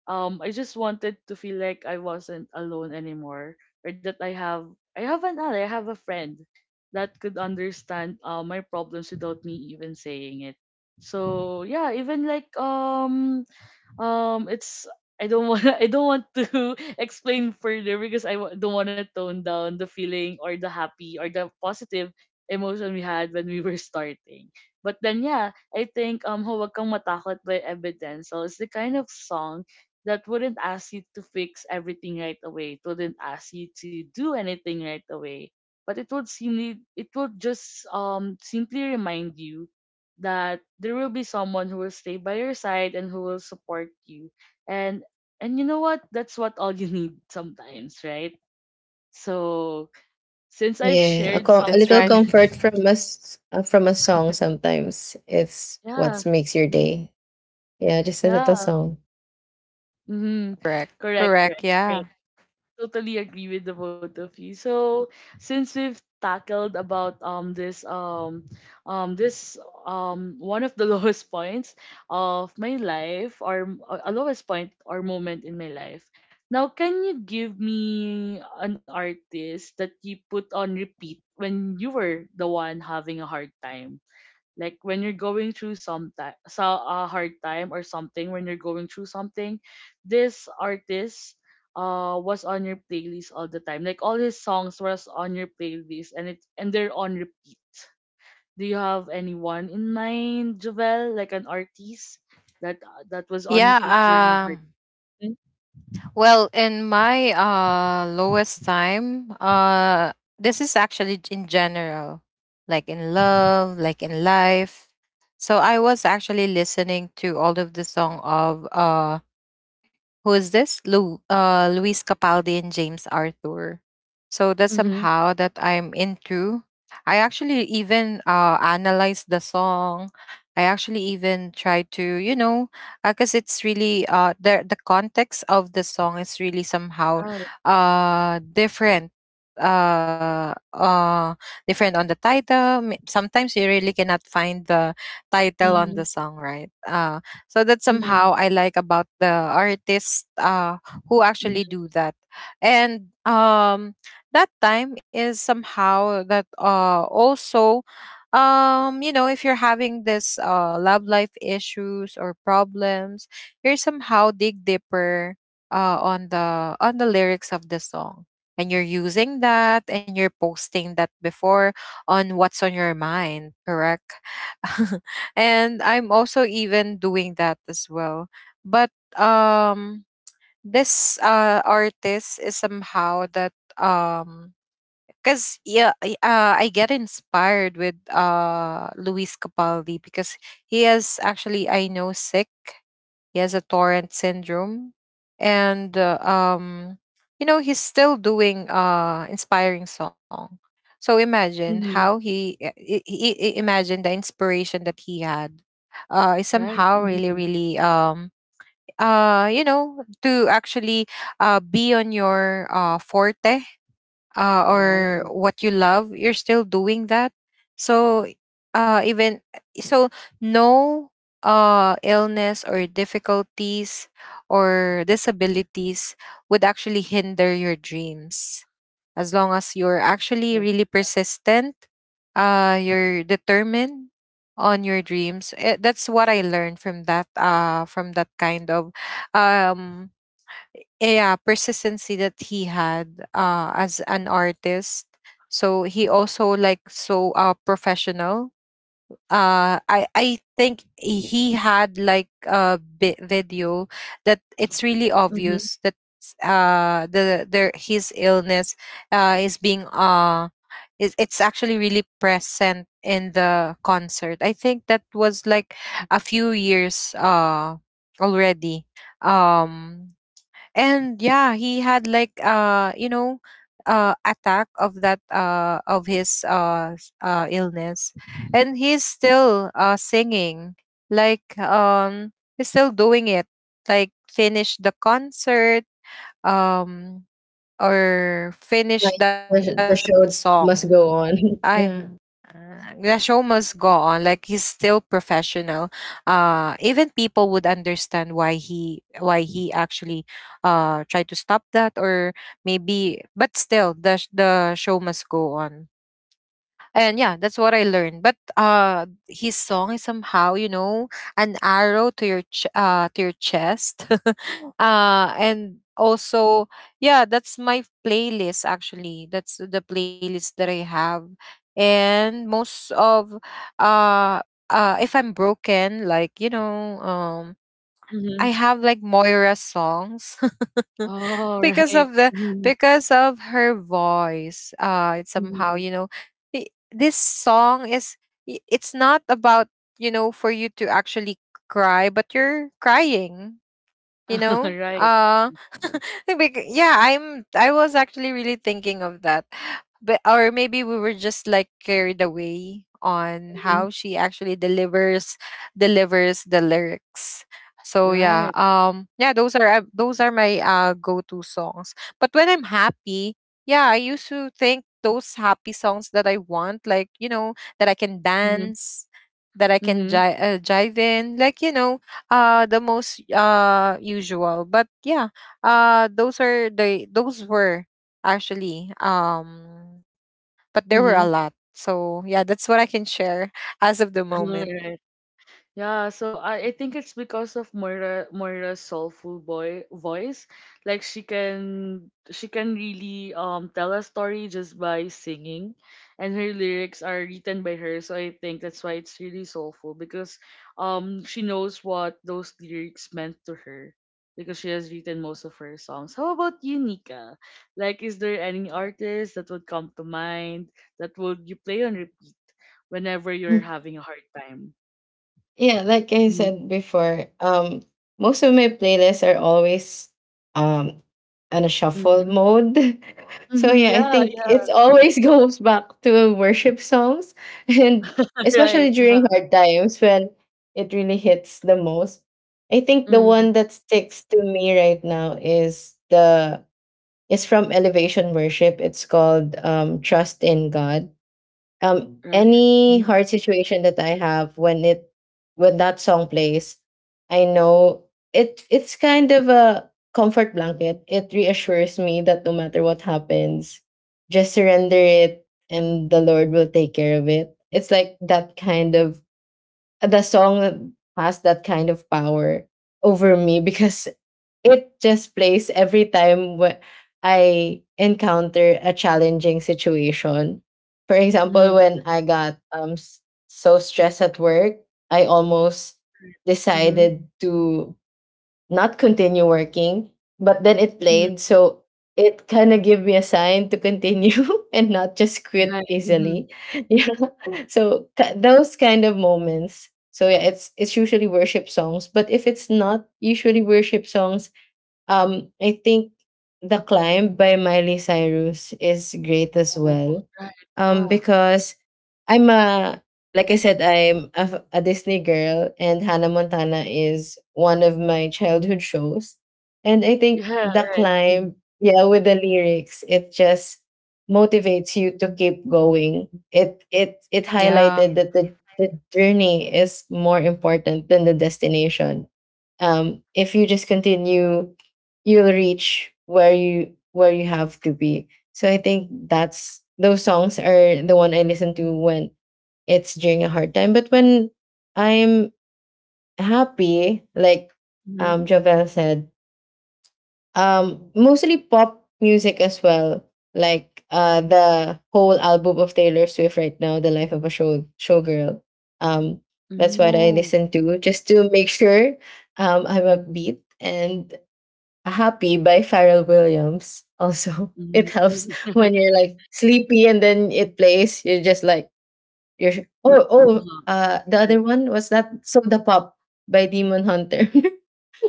Speaker 1: I just wanted to feel like I wasn't alone anymore, or that I have, I have an ally, I have a friend that could understand my problems without me even saying it. So yeah, even it's, I don't want, <laughs> I don't want to <laughs> explain further because don't want to tone down the feeling or the happy or the positive emotion we had when we were starting. But then yeah, I think Huwag Kang Matakot by Evidenzel is the kind of song that wouldn't ask you to fix everything right away. It wouldn't ask you to do anything right away. But it would seem, it would just simply remind you that there will be someone who will stay by your side and who will support you. And and you know what? That's what all you <laughs> need sometimes, right? So since I've shared
Speaker 2: Yeah, a
Speaker 3: That's
Speaker 2: little
Speaker 1: something,
Speaker 3: right.
Speaker 1: <laughs>
Speaker 2: comfort from us from a song sometimes. It's what
Speaker 1: yeah,
Speaker 2: makes your
Speaker 1: mm-hmm,
Speaker 2: day. Yeah, just a little
Speaker 1: yeah,
Speaker 2: song.
Speaker 1: mm-hmm.
Speaker 3: Correct,
Speaker 1: Correct,
Speaker 3: correct,
Speaker 1: correct,
Speaker 3: yeah.
Speaker 1: correct. Totally agree with the both of you. So since we've tackled about this this one of the <laughs> lowest points of my life, or a lowest point or moment in my life. Now can you give me an artist that you put on repeat when you were the one having a hard time? Like when you're going through some time, so a hard time, or something when you're going through something, this artist was on your playlist all the time, like all his songs was on your playlist, and it, and they're on repeat. Do you have anyone in mind, Jovel, like an artist that that was on
Speaker 3: yeah
Speaker 1: repeat during your hard
Speaker 3: um
Speaker 1: time?
Speaker 3: Well, in my lowest time, this is actually in general, like in love, like in life. So I was actually listening to all of the song of who is this? Luis Capaldi and James Arthur. So that's
Speaker 1: Mm-hmm.
Speaker 3: somehow that I'm into. I actually even, analyzed the song. I actually even tried to, you know, because it's really, the context of the song is really somehow
Speaker 1: Right.
Speaker 3: uh, different uh uh different on the title. Sometimes you really cannot find the
Speaker 1: Mm-hmm.
Speaker 3: title on the song, right? So that's
Speaker 1: Mm-hmm.
Speaker 3: somehow I like about the artists, who
Speaker 1: Mm-hmm.
Speaker 3: actually do that. And that time is somehow that also, you know, if you're having this love life issues or problems, you're somehow dig deeper on the lyrics of the song, and you're using that and you're posting that before on what's on your mind, correct. <laughs> And I'm also even doing that as well. But um this uh artist is somehow that, um because yeah, I get inspired with Luis Capaldi because he has actually, I know, sick. He has a torrent syndrome, and you know he's still doing inspiring song. So imagine how
Speaker 1: Mm-hmm.
Speaker 3: he, imagine the inspiration that he had is
Speaker 1: Right.
Speaker 3: somehow really,
Speaker 1: Mm-hmm.
Speaker 3: really, to actually be on your forte, or
Speaker 1: Oh,
Speaker 3: what you love, you're still doing that. So even so, no illness or difficulties or disabilities would actually hinder your dreams as long as you're actually
Speaker 1: yes.
Speaker 3: really persistent. You're determined on your dreams. Eh, that's what I learned from that. From that kind of um yeah persistency that he had as an artist. So he also like so professional. I think he had like a video that it's really
Speaker 1: Mm-hmm.
Speaker 3: obvious that the their his illness is being is it's actually really present in the concert. I think that was like a few years already. um and yeah, he had like, you know, attack of that of his s- illness, and he's still singing. Like, he's still doing it, like finish the concert, um or finish
Speaker 2: Like
Speaker 3: that
Speaker 2: the
Speaker 3: song.
Speaker 2: show must
Speaker 3: I
Speaker 2: go on. <laughs> Yeah.
Speaker 3: The show must go on. Like he's still professional. Even people would understand why he actually tried to stop that or maybe. But still, the show must go on. And yeah, that's what I learned. But his song is somehow, you know, an arrow to your chest. <laughs> And also, yeah, that's my playlist actually, that's the playlist that I have. And most of uh uh if I'm broken, like, you know, I
Speaker 1: Mm-hmm.
Speaker 3: have like Moira songs. <laughs> <laughs>
Speaker 1: Oh, <laughs>
Speaker 3: Because of
Speaker 1: right.
Speaker 3: the, because of her voice. It's somehow,
Speaker 1: Mhm.
Speaker 3: you know, this song is, it's not about, you know, for you to actually cry, but you're crying, you
Speaker 1: <laughs>
Speaker 3: know
Speaker 1: Right.
Speaker 3: uh <laughs> Yeah, I was actually really thinking of that. But or maybe we were just like carried away on how
Speaker 1: Mhm.
Speaker 3: she actually delivers the lyrics. so yeah
Speaker 1: Right.
Speaker 3: um yeah, those are, those are my go-to songs. But when I'm happy, yeah, I used to think those happy songs that I want, like, you know, that I can
Speaker 1: Mhm.
Speaker 3: dance, that I can
Speaker 1: Mhm.
Speaker 3: jive, jive in, like, you know, the most usual. But yeah, those are the those were actually, but there were a lot.
Speaker 1: Mhm.
Speaker 3: So yeah, that's what I can share <laughs> as of the
Speaker 1: <laughs>
Speaker 3: moment.
Speaker 1: Right. Yeah, so I think it's because of Moira's soulful boy voice. Like she can really tell a story just by singing, and her lyrics are written by her, so I think that's why it's really soulful because she knows what those lyrics meant to her because she has written most of her songs. How about you, Nika? Like is there any artist that would come to mind that would you play on repeat whenever you're having a hard time?
Speaker 2: Yeah, like I said before, most of my playlists are always um on a shuffle
Speaker 1: Mm-hmm.
Speaker 2: mode. <laughs> So
Speaker 1: Mhm,
Speaker 2: yeah, I
Speaker 1: yeah,
Speaker 2: think
Speaker 1: yeah,
Speaker 2: it always <laughs> goes back to worship songs, <laughs> and
Speaker 1: <laughs>
Speaker 2: especially
Speaker 1: right, uh-huh.
Speaker 2: during hard times when it really hits the most. I think the
Speaker 1: Mm,
Speaker 2: one that sticks to me right now is the is from Elevation Worship. It's called Trust in God. Um,
Speaker 1: right.
Speaker 2: any
Speaker 1: Mhm,
Speaker 2: hard situation that I have, when that song plays, I know it's kind of a comfort blanket. It reassures me that no matter what happens, just surrender it and the Lord will take care of it. It's like that kind of, the song has that kind of power over me <laughs> because it just plays every time I encounter a challenging situation. For example,
Speaker 1: mhm,
Speaker 2: when I got so stressed at work, I almost
Speaker 1: mhm,
Speaker 2: decided to not continue working, but then it
Speaker 1: mhm,
Speaker 2: played, so it kind of gave me a sign to continue <laughs> and not just quit
Speaker 1: right, mhm.
Speaker 2: easily. <laughs> Yeah. So those kind of moments. So yeah, it's usually worship songs, but if it's not usually worship songs, I think The Climb by Miley Cyrus is great as
Speaker 1: Oh,
Speaker 2: well.
Speaker 1: right, yeah.
Speaker 2: Because I'm a, I'm a, a Disney girl, and Hannah Montana is one of my childhood shows. And I think
Speaker 1: Yeah,
Speaker 2: The
Speaker 1: right, mhm,
Speaker 2: Climb, yeah, with the lyrics, it just motivates you to keep going. It
Speaker 3: Yeah.
Speaker 2: highlighted that the journey is more important than the destination, if you just continue you'll reach where you have to be. So I think that's, those songs are the one I listen to when it's during a hard time. But when I'm happy, like,
Speaker 1: mhm.
Speaker 2: um, Jovel said, um, mostly pop music as well, like the whole album of Taylor Swift right now, the Life of a Showgirl. Um, that's what I
Speaker 1: Oh,
Speaker 2: listen to just to make sure I'm upbeat. And Happy by Pharrell Williams. Also, <laughs> it
Speaker 1: mhm,
Speaker 2: helps
Speaker 1: mm, <laughs>
Speaker 2: when
Speaker 1: right,
Speaker 2: you're like sleepy and then it plays. You're just like, you're oh oh.
Speaker 1: uh-huh,
Speaker 2: The
Speaker 1: right.
Speaker 2: other one was that So the Pop by Demon Hunter.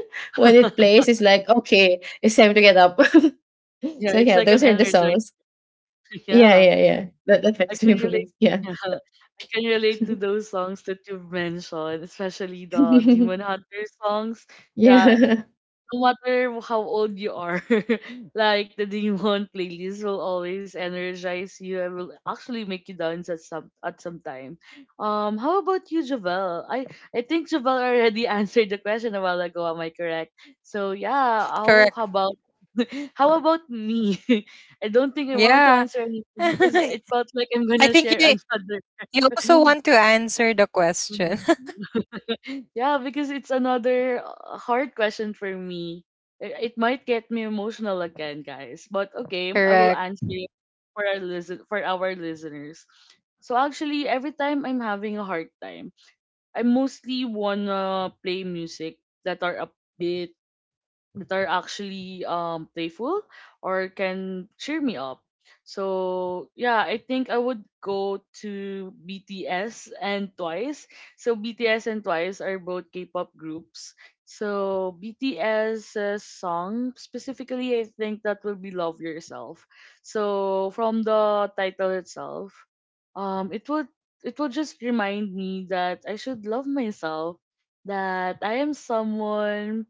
Speaker 2: <laughs> When it
Speaker 1: <laughs>
Speaker 2: plays, it's like okay, it's time to get up. <laughs>
Speaker 1: Yeah,
Speaker 2: So
Speaker 1: it's
Speaker 2: yeah,
Speaker 1: like an
Speaker 2: those are the
Speaker 1: energizer.
Speaker 2: songs.
Speaker 1: <laughs>
Speaker 2: Yeah,
Speaker 1: Yeah,
Speaker 2: yeah, yeah. That
Speaker 1: I
Speaker 2: affects
Speaker 1: can
Speaker 2: my
Speaker 1: relate.
Speaker 2: mood. Yeah,
Speaker 1: Yeah, I can relate to those songs that you've mentioned, especially the
Speaker 2: <laughs>
Speaker 1: Demon Hunter songs. Yeah,
Speaker 2: yeah.
Speaker 1: no matter how old you are, <laughs> like the Demon playlist will always energize you and will actually make you dance at some time. How about you, Javel? I think Javel already <laughs> answered the question a while ago. Am I correct? So yeah,
Speaker 3: Correct,
Speaker 1: how about, <laughs> how about me? <laughs> I don't think I want to
Speaker 3: yeah.
Speaker 1: answer anything
Speaker 3: <laughs>
Speaker 1: because it felt
Speaker 3: I
Speaker 1: like I'm gonna
Speaker 3: think
Speaker 1: share
Speaker 3: you
Speaker 1: another.
Speaker 3: you also
Speaker 1: <laughs>
Speaker 3: want to answer the question. <laughs>
Speaker 1: <laughs> Yeah, because it's another hard question for me. It might get me emotional again, guys. But okay, I will
Speaker 3: Correct.
Speaker 1: answer it for our listeners. So actually, every time I'm having a hard time, I mostly wanna play music that are upbeat, that are actually playful, or can cheer me up. So yeah, I think I would go to BTS and Twice. So BTS and Twice are both K-pop groups. So BTS's song specifically, I think that will be "Love Yourself." So from the title itself, it would, it will just remind me that I should love myself, that I am someone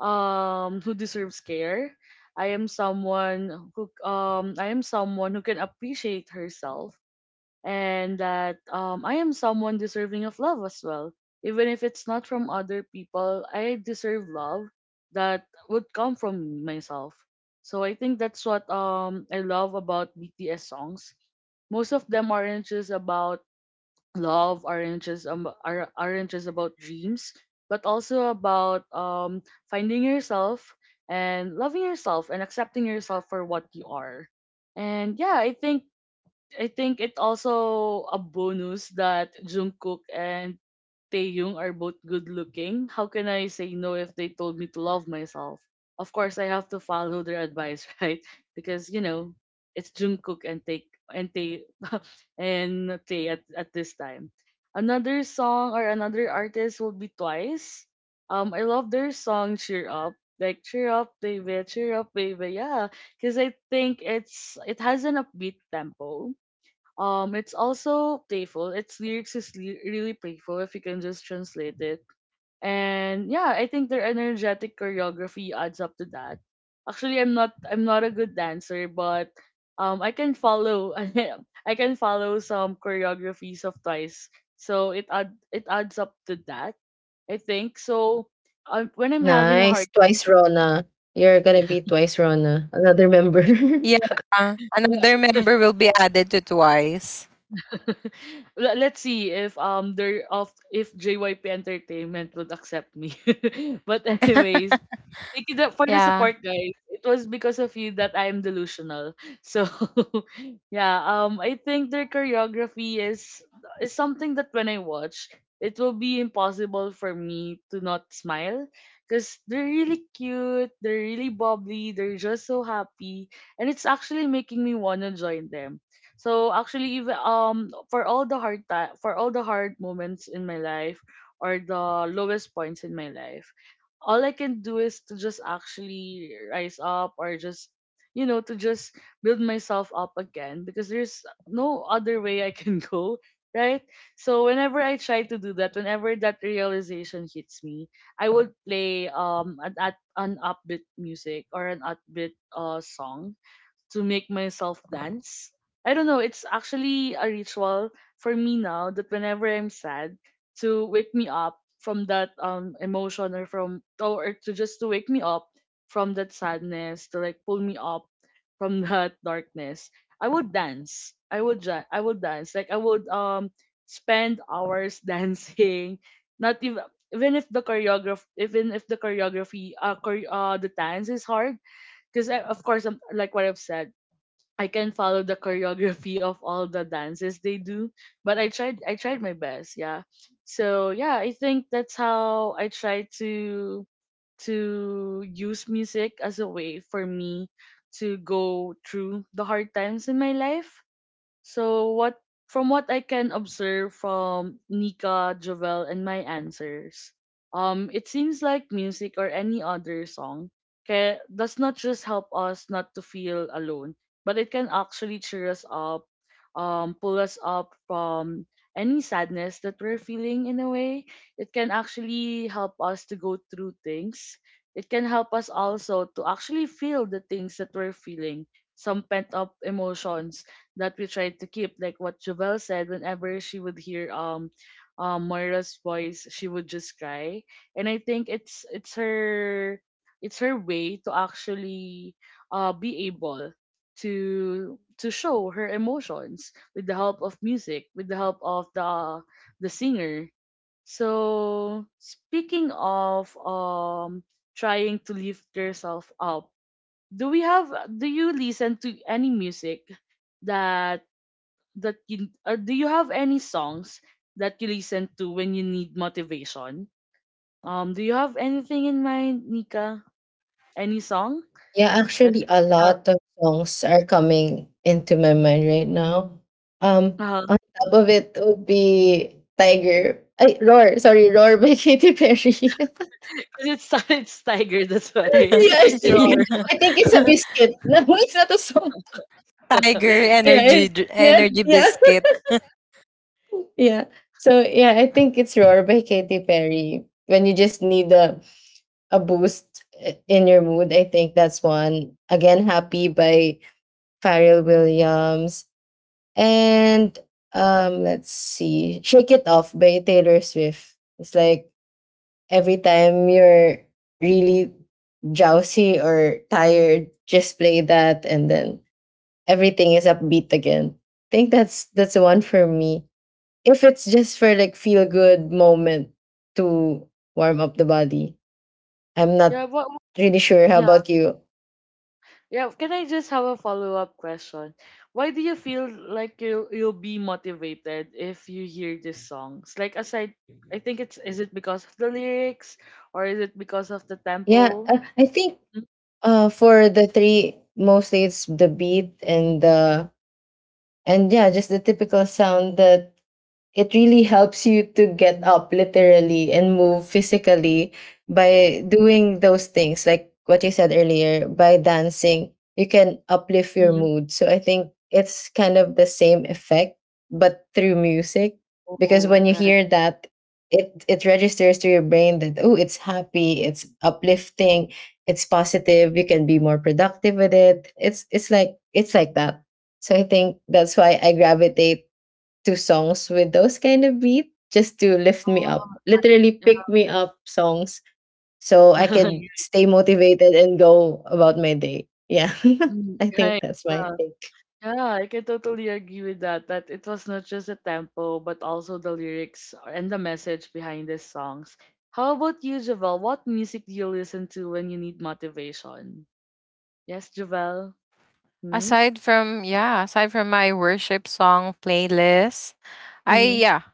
Speaker 1: who deserves care. I am someone who I am someone who can appreciate herself, and that I am someone deserving of love as well. Even if it's not from other people, I deserve love that would come from myself. So I think that's what I love about BTS songs. Most of them aren't just about love, aren't just about dreams but also about finding yourself and loving yourself and accepting yourself for what you are. And yeah, I think it also a bonus that Jungkook and Taeyong are both good looking. How can I say no if they told me to love myself? Of course, I have to follow their advice, <laughs> right? Because you know, it's Jungkook and Tae <laughs> and Tae at this time. Another song or another artist will be Twice. I love their song "Cheer Up." Like cheer up, baby, yeah. Because I think it has an upbeat tempo, it's also playful. Its lyrics is really playful if you can just translate it. And yeah, I think their energetic choreography adds up to that. Actually, I'm not a good dancer, but I can follow, <laughs> I can follow some choreographies of Twice. So it adds up to that. I think so. When I'm having a
Speaker 2: Nice.
Speaker 1: hard,
Speaker 2: Twice Rona. You're gonna be twice Rona. Another member.
Speaker 3: Yeah,
Speaker 2: <laughs>
Speaker 3: another
Speaker 1: <laughs>
Speaker 3: member will be added to Twice.
Speaker 1: <laughs> Let's see if there of if JYP Entertainment would accept me. <laughs> But anyways, thank you for the
Speaker 3: Yeah.
Speaker 1: support, guys. It was because of you that I am delusional. So, <laughs> yeah, I think their choreography is something that when I watch, it will be impossible for me to not smile because they're really cute, they're really bubbly, they're just so happy, and it's actually making me wanna join them. So actually, even for all the hard ti for all the hard moments in my life or the lowest points in my life, all I can do is to just actually rise up or just to just build myself up again, because there's no other way I can <laughs> go, right? So whenever I try to do that, whenever that realization hits me, I would play an upbeat music or an upbeat song to make myself dance. I don't know, it's actually a ritual for me now that whenever I'm sad, to wake me up from that emotion, or to just to wake me up from that sadness, to like pull me up from <laughs> that darkness. I would dance. I would dance. Like I would spend hours <laughs> dancing. Not even, even if the choreograph even if the choreography, the dance is hard because, of course, I'm, like what I've said, I can follow the choreography of all the dances they do, but I tried my best, yeah. So yeah, I think that's how I try to to use music as a way for me to go through the hard times in my life. So what, from what I can observe from Nika, Jovel, and my answers, it seems like music or any other song does not just help us not to feel alone, but it can actually cheer us up, pull us up from any sadness that we're feeling in a way. It can actually help us to go through things. It can help us also to actually feel the things that we're feeling, some pent up emotions that we tried to keep. Like what Jovel said, whenever she would hear Moira's voice, she would just cry. And I think it's her way to actually be able to show her emotions with the help of music, with the help of the singer. So speaking of trying to lift yourself up, do we have do you listen to any music that that you do you have any songs that you listen to when you need motivation? Do you have anything in mind, Nika? Any song
Speaker 2: Yeah,
Speaker 1: that?
Speaker 2: actually, a
Speaker 1: Uh,
Speaker 2: lot of songs are coming into my mind right now. Um,
Speaker 1: uh,
Speaker 2: on top of it would be Tiger. Roar, sorry, Roar by <laughs> Katy Perry. <laughs> Yeah,
Speaker 1: <laughs> 'cause it's <laughs> it's Tiger. That's why <laughs>
Speaker 2: I
Speaker 1: it's
Speaker 3: <laughs>
Speaker 1: your
Speaker 2: think,
Speaker 1: aura.
Speaker 3: Yeah.
Speaker 2: I think it's a
Speaker 3: <laughs>
Speaker 2: biscuit. <laughs> No, it's not a song.
Speaker 3: Tiger
Speaker 1: <laughs>
Speaker 2: Yeah,
Speaker 3: energy,
Speaker 2: yeah,
Speaker 3: energy
Speaker 2: yeah,
Speaker 3: biscuit.
Speaker 2: <laughs> yeah. So yeah, I think it's Roar by Katy Perry. When you just need a boost in your mood, I think that's one. Again, Happy by Pharrell Williams. And let's see, "Shake It Off" by Taylor Swift. It's like every time you're really drowsy or tired, just play that, and then everything is upbeat again. I think that's the one for me. If it's just for like feel good moment to warm up the body, I'm
Speaker 1: Yeah.
Speaker 2: not
Speaker 1: What?
Speaker 2: really sure. How
Speaker 1: Yeah.
Speaker 2: about you?
Speaker 1: Yeah. Can I just have a follow up question? Why do you feel like you'll be motivated if you hear these songs? Like aside, I think it's is it because of the lyrics or is it because of the
Speaker 2: Yeah,
Speaker 1: tempo?
Speaker 2: I think uh, for the three mostly it's the beat and the and yeah, just the typical sound that it really helps you to get up literally and move physically, by doing those things like what you said earlier. By dancing you can uplift your
Speaker 1: Mm-hmm.
Speaker 2: mood, so I think it's kind of the same effect but through music. Because
Speaker 1: Oh,
Speaker 2: when you
Speaker 1: right.
Speaker 2: hear that, it registers to your brain that oh it's happy, it's uplifting, it's positive, you can be more productive with it. It's like it's like that. So I think that's why I gravitate to songs with those kind of beat, just to lift me up.
Speaker 1: Um,
Speaker 2: Literally pick me up songs so I
Speaker 1: <laughs>
Speaker 2: can
Speaker 1: yeah.
Speaker 2: stay motivated and go about my day. Yeah.
Speaker 1: Mm.
Speaker 2: <laughs> I think
Speaker 1: Right.
Speaker 2: that's my
Speaker 1: Yeah.
Speaker 2: take.
Speaker 1: Yeah, I can totally agree with that, that it was not just the tempo, but also the lyrics and the message behind these songs. How about you, Javel? What music do you listen to when you need motivation? Yes, Javel?
Speaker 3: Aside from
Speaker 1: Hmm?
Speaker 3: yeah, aside from my worship song playlist, I yeah.
Speaker 1: Mm-hmm.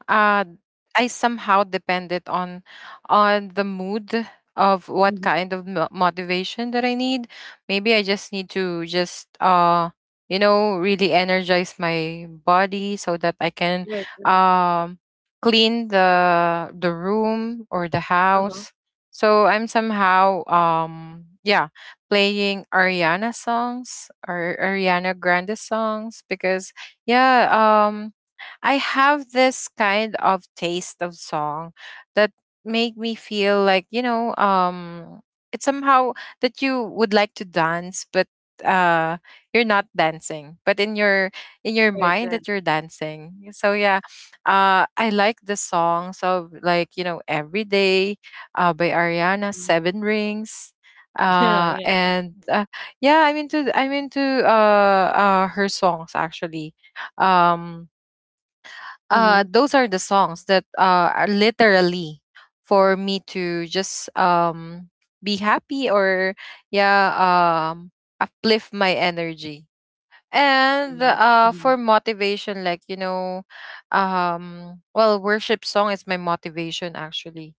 Speaker 3: I somehow depended on the mood of what
Speaker 1: Mm-hmm.
Speaker 3: kind of motivation that I need. Maybe I just need to just you know really energize my body so that I can
Speaker 1: Right. Right.
Speaker 3: um clean the room or the
Speaker 1: Uh-huh.
Speaker 3: house. So I'm somehow, yeah, playing Ariana songs or Ariana Grande songs because, yeah, I have this kind of taste of song that make me feel like, you know, it's somehow that you would like to dance but uh you're not dancing but in your
Speaker 1: Right.
Speaker 3: mind
Speaker 1: Right.
Speaker 3: that you're dancing. So yeah, I like the songs of, like, you know, every day by Ariana,
Speaker 1: Mhm.
Speaker 3: seven rings,
Speaker 1: <laughs> Yeah.
Speaker 3: uh
Speaker 1: Yeah.
Speaker 3: and uh, yeah, I'm into uh her songs actually. um
Speaker 1: Mm-hmm.
Speaker 3: those are the songs that are literally for me to just be happy or, yeah, um uplift my energy. And
Speaker 1: Mm-hmm.
Speaker 3: for motivation, like, you know, well, worship song is my motivation actually.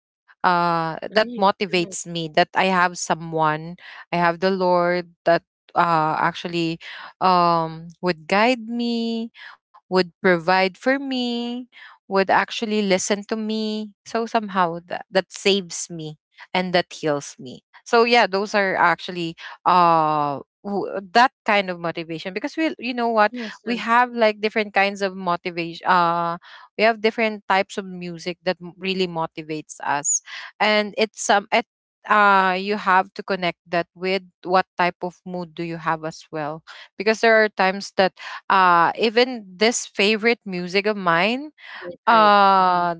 Speaker 3: That
Speaker 1: Right. Right.
Speaker 3: motivates me that I have someone, I have the Lord that, actually, would guide me, would provide for me, would actually listen to me. So somehow that, that saves me and that heals me. So yeah, those are actually, that kind of motivation. Because, we you know what,
Speaker 1: Yes.
Speaker 3: we
Speaker 1: Yes.
Speaker 3: have like different kinds of motivation, we have different types of music that really motivates us, and it's some it you have to connect that with what type of mood do you have as well. Because there are times that even this favorite music of mine
Speaker 1: Right. Right. Mm-hmm.
Speaker 3: uh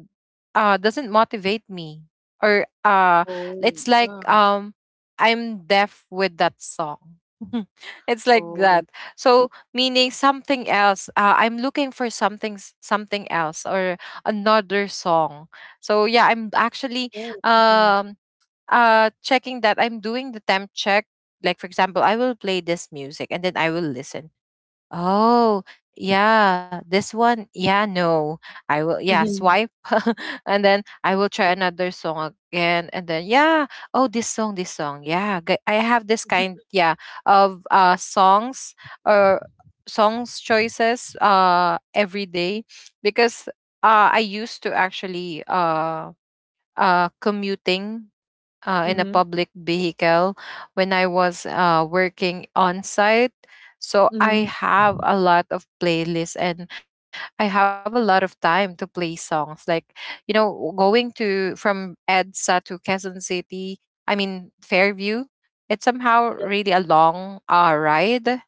Speaker 3: doesn't motivate me, or,
Speaker 1: Oh,
Speaker 3: it's like,
Speaker 1: yeah.
Speaker 3: I'm deaf with that song. <laughs> It's like that.
Speaker 1: Oh.
Speaker 3: So meaning something else, I'm looking for something, something else or another song. so yeah i'm actually
Speaker 1: Right. Mhm.
Speaker 3: um uh checking that, I'm doing the temp check. Like for example, I will play this music and then I will listen. Oh, yeah. This one, yeah, no. I will, yeah,
Speaker 1: Mhm.
Speaker 3: swipe. <laughs> And then I will try
Speaker 1: Like
Speaker 3: another song again. And then, yeah, oh, this song, this song. Yeah. I have this kind, yeah, of songs or songs choices every day. Because I used to actually commuting, in a
Speaker 1: mhm.
Speaker 3: public vehicle when I was, working on site. So I
Speaker 1: Mhm.
Speaker 3: have a lot of playlists and I have a lot of time to play songs. Like, you know, going to from EDSA to Quezon City, I mean, Fairview, it's somehow
Speaker 1: The
Speaker 3: really a long, ride,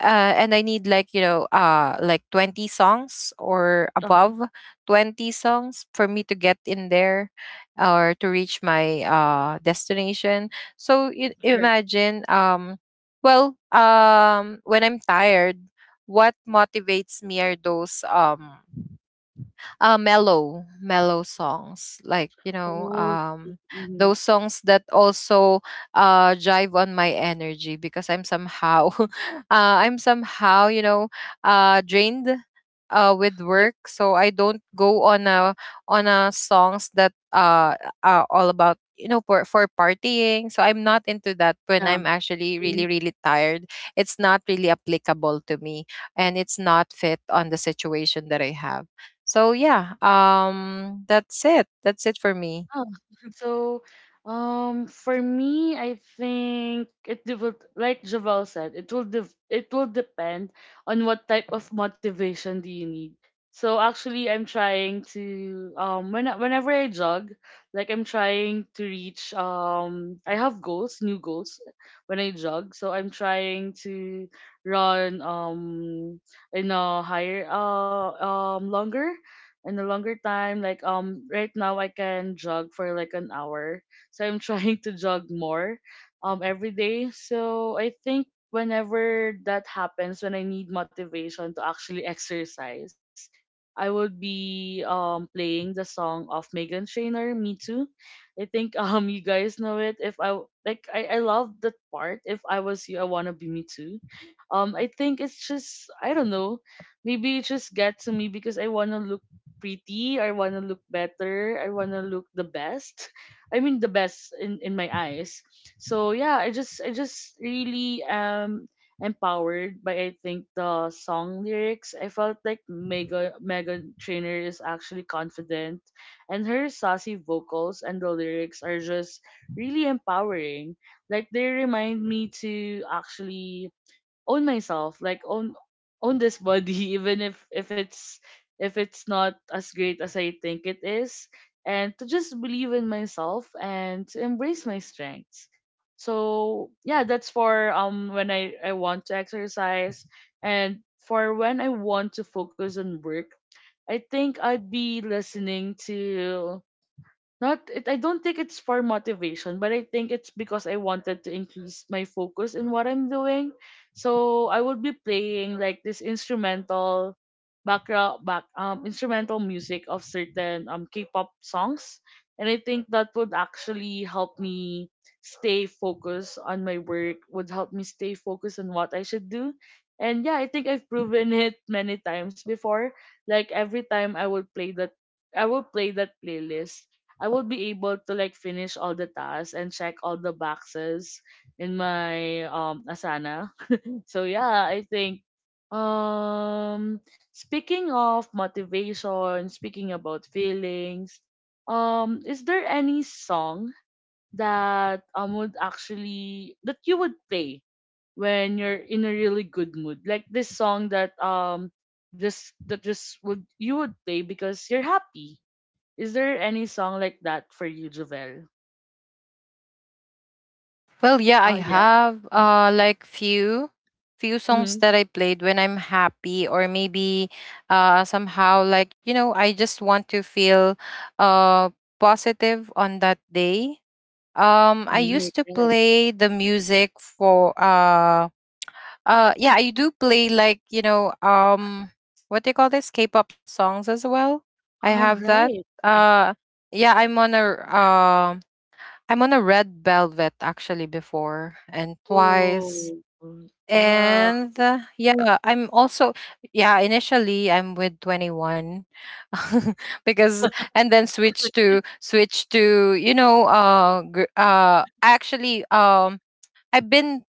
Speaker 3: and I need like, you know, like 20 songs or
Speaker 1: uh-huh.
Speaker 3: above 20 songs for me to get in there or to reach my destination. so you
Speaker 1: Yeah.
Speaker 3: imagine um well um when I'm tired, what motivates me are those, mellow, mellow songs, like, you know,
Speaker 1: Oh, mhm.
Speaker 3: those songs that also, jive on my energy because I'm somehow, <laughs> I'm somehow, you know, drained, with
Speaker 1: Yeah.
Speaker 3: work. So I don't go on a songs that are all about, you know, for partying. So I'm not into that when
Speaker 1: Yeah.
Speaker 3: I'm actually really tired. It's not really applicable to me and it's not fit on the situation that I have. So yeah, that's it. That's it for me.
Speaker 1: Oh, <laughs> so for me, I think it will, like Javel said, it will it will depend on what type of motivation do you need. So actually, I'm trying to whenever I jog, like I'm trying to reach I have goals, new goals, when I jog. So I'm trying to run in a higher, longer and a longer time, like right now I can jog for like an hour, so I'm <laughs> trying to jog more every day. So I think whenever that happens, when I need motivation to actually exercise, I would be playing the song of Megan Trainor, Me Too. I think <laughs> you guys know it. If I, like I love that part, if I was you, I wanna be me too. I think it's just, I don't know, maybe it just got to me because I wanna look pretty. I want to look better. I want to look the best. <laughs> I mean the best in my eyes. So yeah, I just really am empowered by, I think, the song lyrics. I felt like Megan Trainer is actually confident and her saucy vocals and the lyrics are just really empowering. Like they remind me to actually own myself, like own own this body <laughs> even if if it's not as great as I think it is, and to just believe in myself and to embrace my strengths. So yeah, that's for when I want to exercise. And for when I want to focus on work, I think I'd be listening to, not it, I don't think it's for motivation, but I think it's because I wanted to increase my focus in what I'm doing. So I would be playing like this instrumental background back instrumental music of certain K-pop songs. And I think that would actually help me stay focused on my work, would help me stay focused on what I should do. And yeah, I think I've proven <laughs> it many times before. Like every time I will play that playlist, I would be able to like finish all the tasks and check all the boxes in my Asana. So yeah, I think speaking of motivation, speaking about feelings, is there any song that would actually that you would play when you're in a really good mood? Like this song that just that just would you would play because you're happy, is there any song like that for you, Jovel?
Speaker 3: Well, yeah, I
Speaker 1: Oh, yeah.
Speaker 3: have like few songs
Speaker 1: Mm-hmm.
Speaker 3: that I played when I'm happy or maybe somehow like you know, I just want to feel uh positive on that day. I used
Speaker 1: Right,
Speaker 3: to
Speaker 1: right.
Speaker 3: play the music for yeah, I do play like you know, what do you call this? K-pop songs as well. I
Speaker 1: All
Speaker 3: have that.
Speaker 1: right.
Speaker 3: Uh, yeah, um, I'm on a Red Velvet actually before and twice.
Speaker 1: Whoa. Wow.
Speaker 3: And yeah, I'm also yeah. Initially, I'm with 21, <laughs> because and then switch
Speaker 1: <laughs>
Speaker 3: to switch to you know actually I've been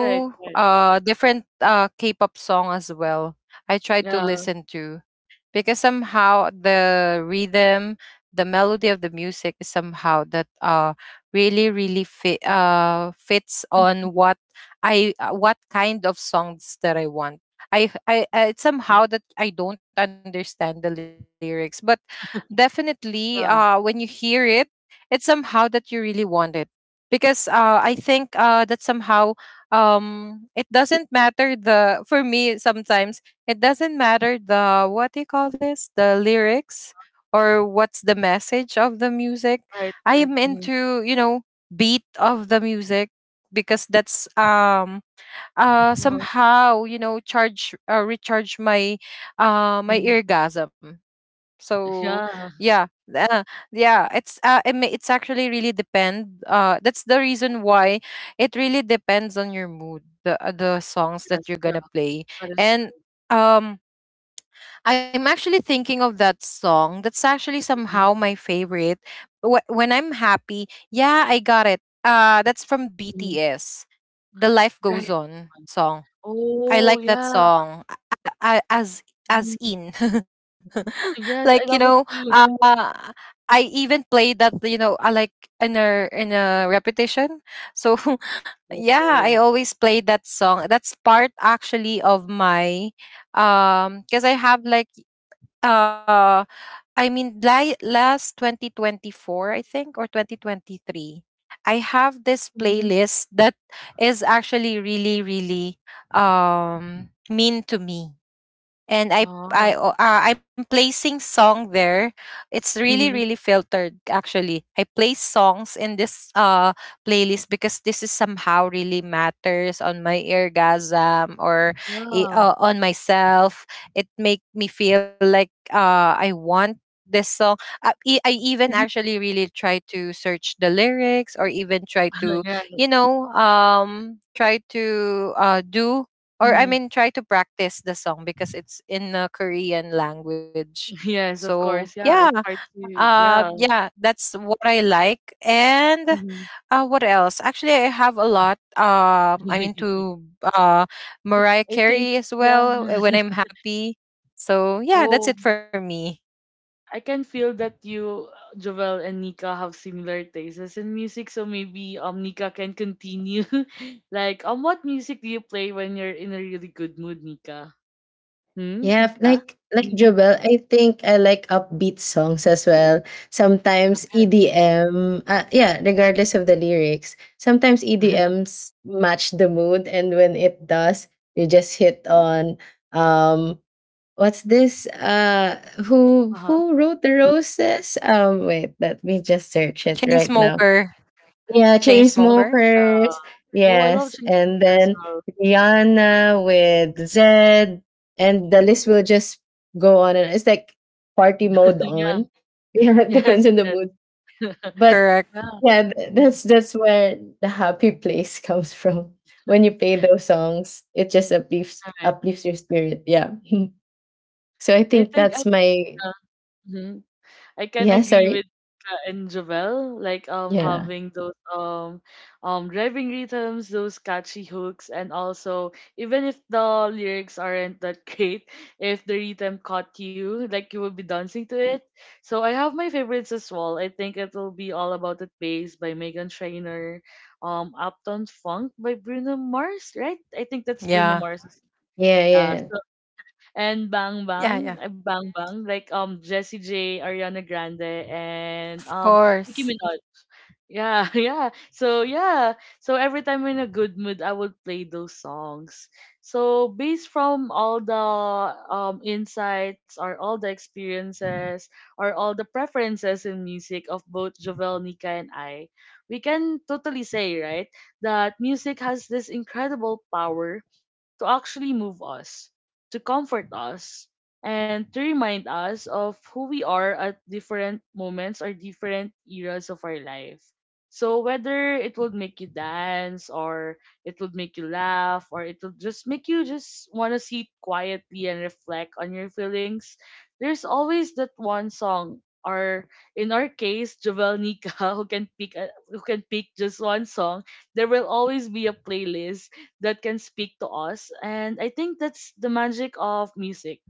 Speaker 1: Right, right.
Speaker 3: different K-pop song as well. I tried to
Speaker 1: Yeah.
Speaker 3: listen to because somehow the rhythm, the melody of the music is somehow that really really fit fits on what I what kind of songs that I want. I it's somehow that I don't understand the lyrics, but
Speaker 1: <laughs>
Speaker 3: definitely when you
Speaker 1: Yeah.
Speaker 3: hear it, it's somehow that you really want it because I think that somehow it doesn't matter the for me sometimes it doesn't matter the what do you call this the lyrics or what's the message of the music.
Speaker 1: Right,
Speaker 3: I
Speaker 1: right.
Speaker 3: am
Speaker 1: Mm-hmm.
Speaker 3: into you know beat of the music because that's
Speaker 1: Uh-huh.
Speaker 3: somehow you know charge recharge my my
Speaker 1: Hmm.
Speaker 3: orgasm. So
Speaker 1: Yeah.
Speaker 3: yeah, uh, yeah it's actually really depend that's the reason why it really depends on your mood the songs that
Speaker 1: Yes.
Speaker 3: you're
Speaker 1: Yeah.
Speaker 3: gonna play.
Speaker 1: That is
Speaker 3: And
Speaker 1: true.
Speaker 3: um I'm actually thinking of that song that's actually somehow
Speaker 1: Mhm,
Speaker 3: my favorite. When I'm happy, yeah, I got it. That's from
Speaker 1: mhm.
Speaker 3: BTS, the Life Goes
Speaker 1: Right.
Speaker 3: On song. I
Speaker 1: Oh,
Speaker 3: like that
Speaker 1: yeah.
Speaker 3: song. A- As
Speaker 1: Mhm.
Speaker 3: as in, <laughs>
Speaker 1: <laughs> Yes, I
Speaker 3: like you
Speaker 1: love it
Speaker 3: know,
Speaker 1: too.
Speaker 3: uh, I even played that you know, I like in a repetition. So <laughs>
Speaker 1: <laughs>
Speaker 3: yeah, I
Speaker 1: Oh.
Speaker 3: always play that song. That's part actually of my because I have like uh last 2024, I think, or 2023, I have this
Speaker 1: Mm-hmm.
Speaker 3: playlist that is actually really mean to me. And
Speaker 1: Oh.
Speaker 3: I'm placing song there. It's really
Speaker 1: Mm-hmm.
Speaker 3: filtered actually. I place songs in this playlist because this is somehow really matters on my orgasm or
Speaker 1: Yeah.
Speaker 3: on myself. It make me feel like I want this song. I even
Speaker 1: Mm-hmm.
Speaker 3: actually really try to search the lyrics or even try
Speaker 1: <laughs>
Speaker 3: to
Speaker 1: yeah.
Speaker 3: you know try to do or I
Speaker 1: Mm-hmm.
Speaker 3: mean try to practice the song because it's in the Korean language.
Speaker 1: Yes, of
Speaker 3: So
Speaker 1: course.
Speaker 3: yeah,
Speaker 1: Yeah, it's hard to. Yeah.
Speaker 3: yeah, that's what I like. And
Speaker 1: Mhm.
Speaker 3: what else? Actually, I have a lot. I'm
Speaker 1: <laughs>
Speaker 3: into
Speaker 1: It,
Speaker 3: Mariah
Speaker 1: I think,
Speaker 3: Carey as
Speaker 1: yeah.
Speaker 3: well when I'm happy. So yeah,
Speaker 1: Oh,
Speaker 3: that's it for me.
Speaker 1: I can feel that you, Jovel and Nika, have similar tastes in music. So maybe Nika can continue. <laughs> Like, what music do you play when you're in a really good mood, Nika? Hmm,
Speaker 2: Yeah,
Speaker 1: Nika.
Speaker 2: like
Speaker 1: Mhm.
Speaker 2: Jobel, I think I like upbeat songs as well. Sometimes EDM, yeah, regardless of the lyrics, sometimes
Speaker 1: <laughs>
Speaker 2: EDMs match the mood, and when it does, you just hit on um what's this
Speaker 1: Uh huh.
Speaker 2: who wrote the roses. Um, wait let me just search it
Speaker 3: Chain
Speaker 2: right now.
Speaker 3: smoker,
Speaker 2: Yeah, chain
Speaker 3: chain
Speaker 1: Chainsmokers.
Speaker 3: smoker.
Speaker 1: Yeah.
Speaker 2: smokers.
Speaker 1: Oh, I love
Speaker 2: Yes,
Speaker 1: Chainsmokers
Speaker 2: and
Speaker 1: as
Speaker 2: then
Speaker 1: well.
Speaker 2: Rihanna with Zed. And the list will just go on, and it's like party mode
Speaker 1: <laughs> Yeah.
Speaker 2: on. <laughs> Yeah, it
Speaker 1: Yes.
Speaker 2: depends on the mood.
Speaker 1: Yes. <laughs>
Speaker 2: But
Speaker 3: Correct.
Speaker 1: Yeah.
Speaker 2: yeah,
Speaker 1: Mm.
Speaker 2: that's where the happy place <laughs> comes from. When you play those songs it just
Speaker 1: All right.
Speaker 2: uplifts your spirit, yeah. <laughs> So I
Speaker 1: I
Speaker 2: think
Speaker 1: think I
Speaker 2: that's my,
Speaker 1: Mhm. I can
Speaker 2: yeah,
Speaker 1: agree
Speaker 2: sorry.
Speaker 1: with Ka and Jovel, like
Speaker 2: Yeah.
Speaker 1: having those driving rhythms, those catchy hooks, and also even if the lyrics aren't that <laughs> great, if the rhythm caught you, like you will be dancing to it. So I have my favorites as well. I think it will be All About It Bass by Megan Trainor, Uptown Funk by Bruno Mars, right? I think
Speaker 3: Yeah.
Speaker 1: that's Bruno Mars's.
Speaker 2: Yeah,
Speaker 1: Yeah,
Speaker 2: yeah.
Speaker 1: so and Bang
Speaker 3: Yeah. Yeah.
Speaker 1: Bang, Bang Bang, like Jessie J, Ariana Grande, and
Speaker 3: Of
Speaker 1: Nicki
Speaker 3: course.
Speaker 1: Minaj. Yeah, <laughs> yeah. So yeah, so every time I'm in a good mood, I would play those songs. So based from all the insights, or all the experiences, or all the preferences in music of both Jovel, Nika, and I, we can totally say, right, that music has this incredible power to actually move us, to comfort us, and to remind us of who we are at different moments or different eras of our life. So whether it would make you dance or it would make you laugh or it would just make you just want to sit quietly and reflect on your feelings, there's always that one song or, in our case, Jovel, Nika, <laughs> who can pick a, who can pick just one song, there will always be a playlist that can speak to us. And I think that's the magic of music.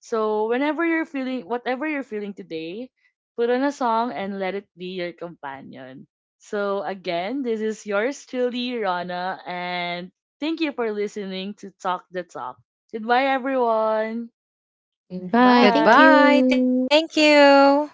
Speaker 1: So whenever you're feeling, whatever you're feeling today, put on a song and let it be your companion. So again, this is yours truly, Rana, and thank you for listening to Talk the Talk. Goodbye everyone.
Speaker 2: Bye. Thank
Speaker 1: Bye.
Speaker 3: Goodbye.
Speaker 2: you.
Speaker 3: Thank you.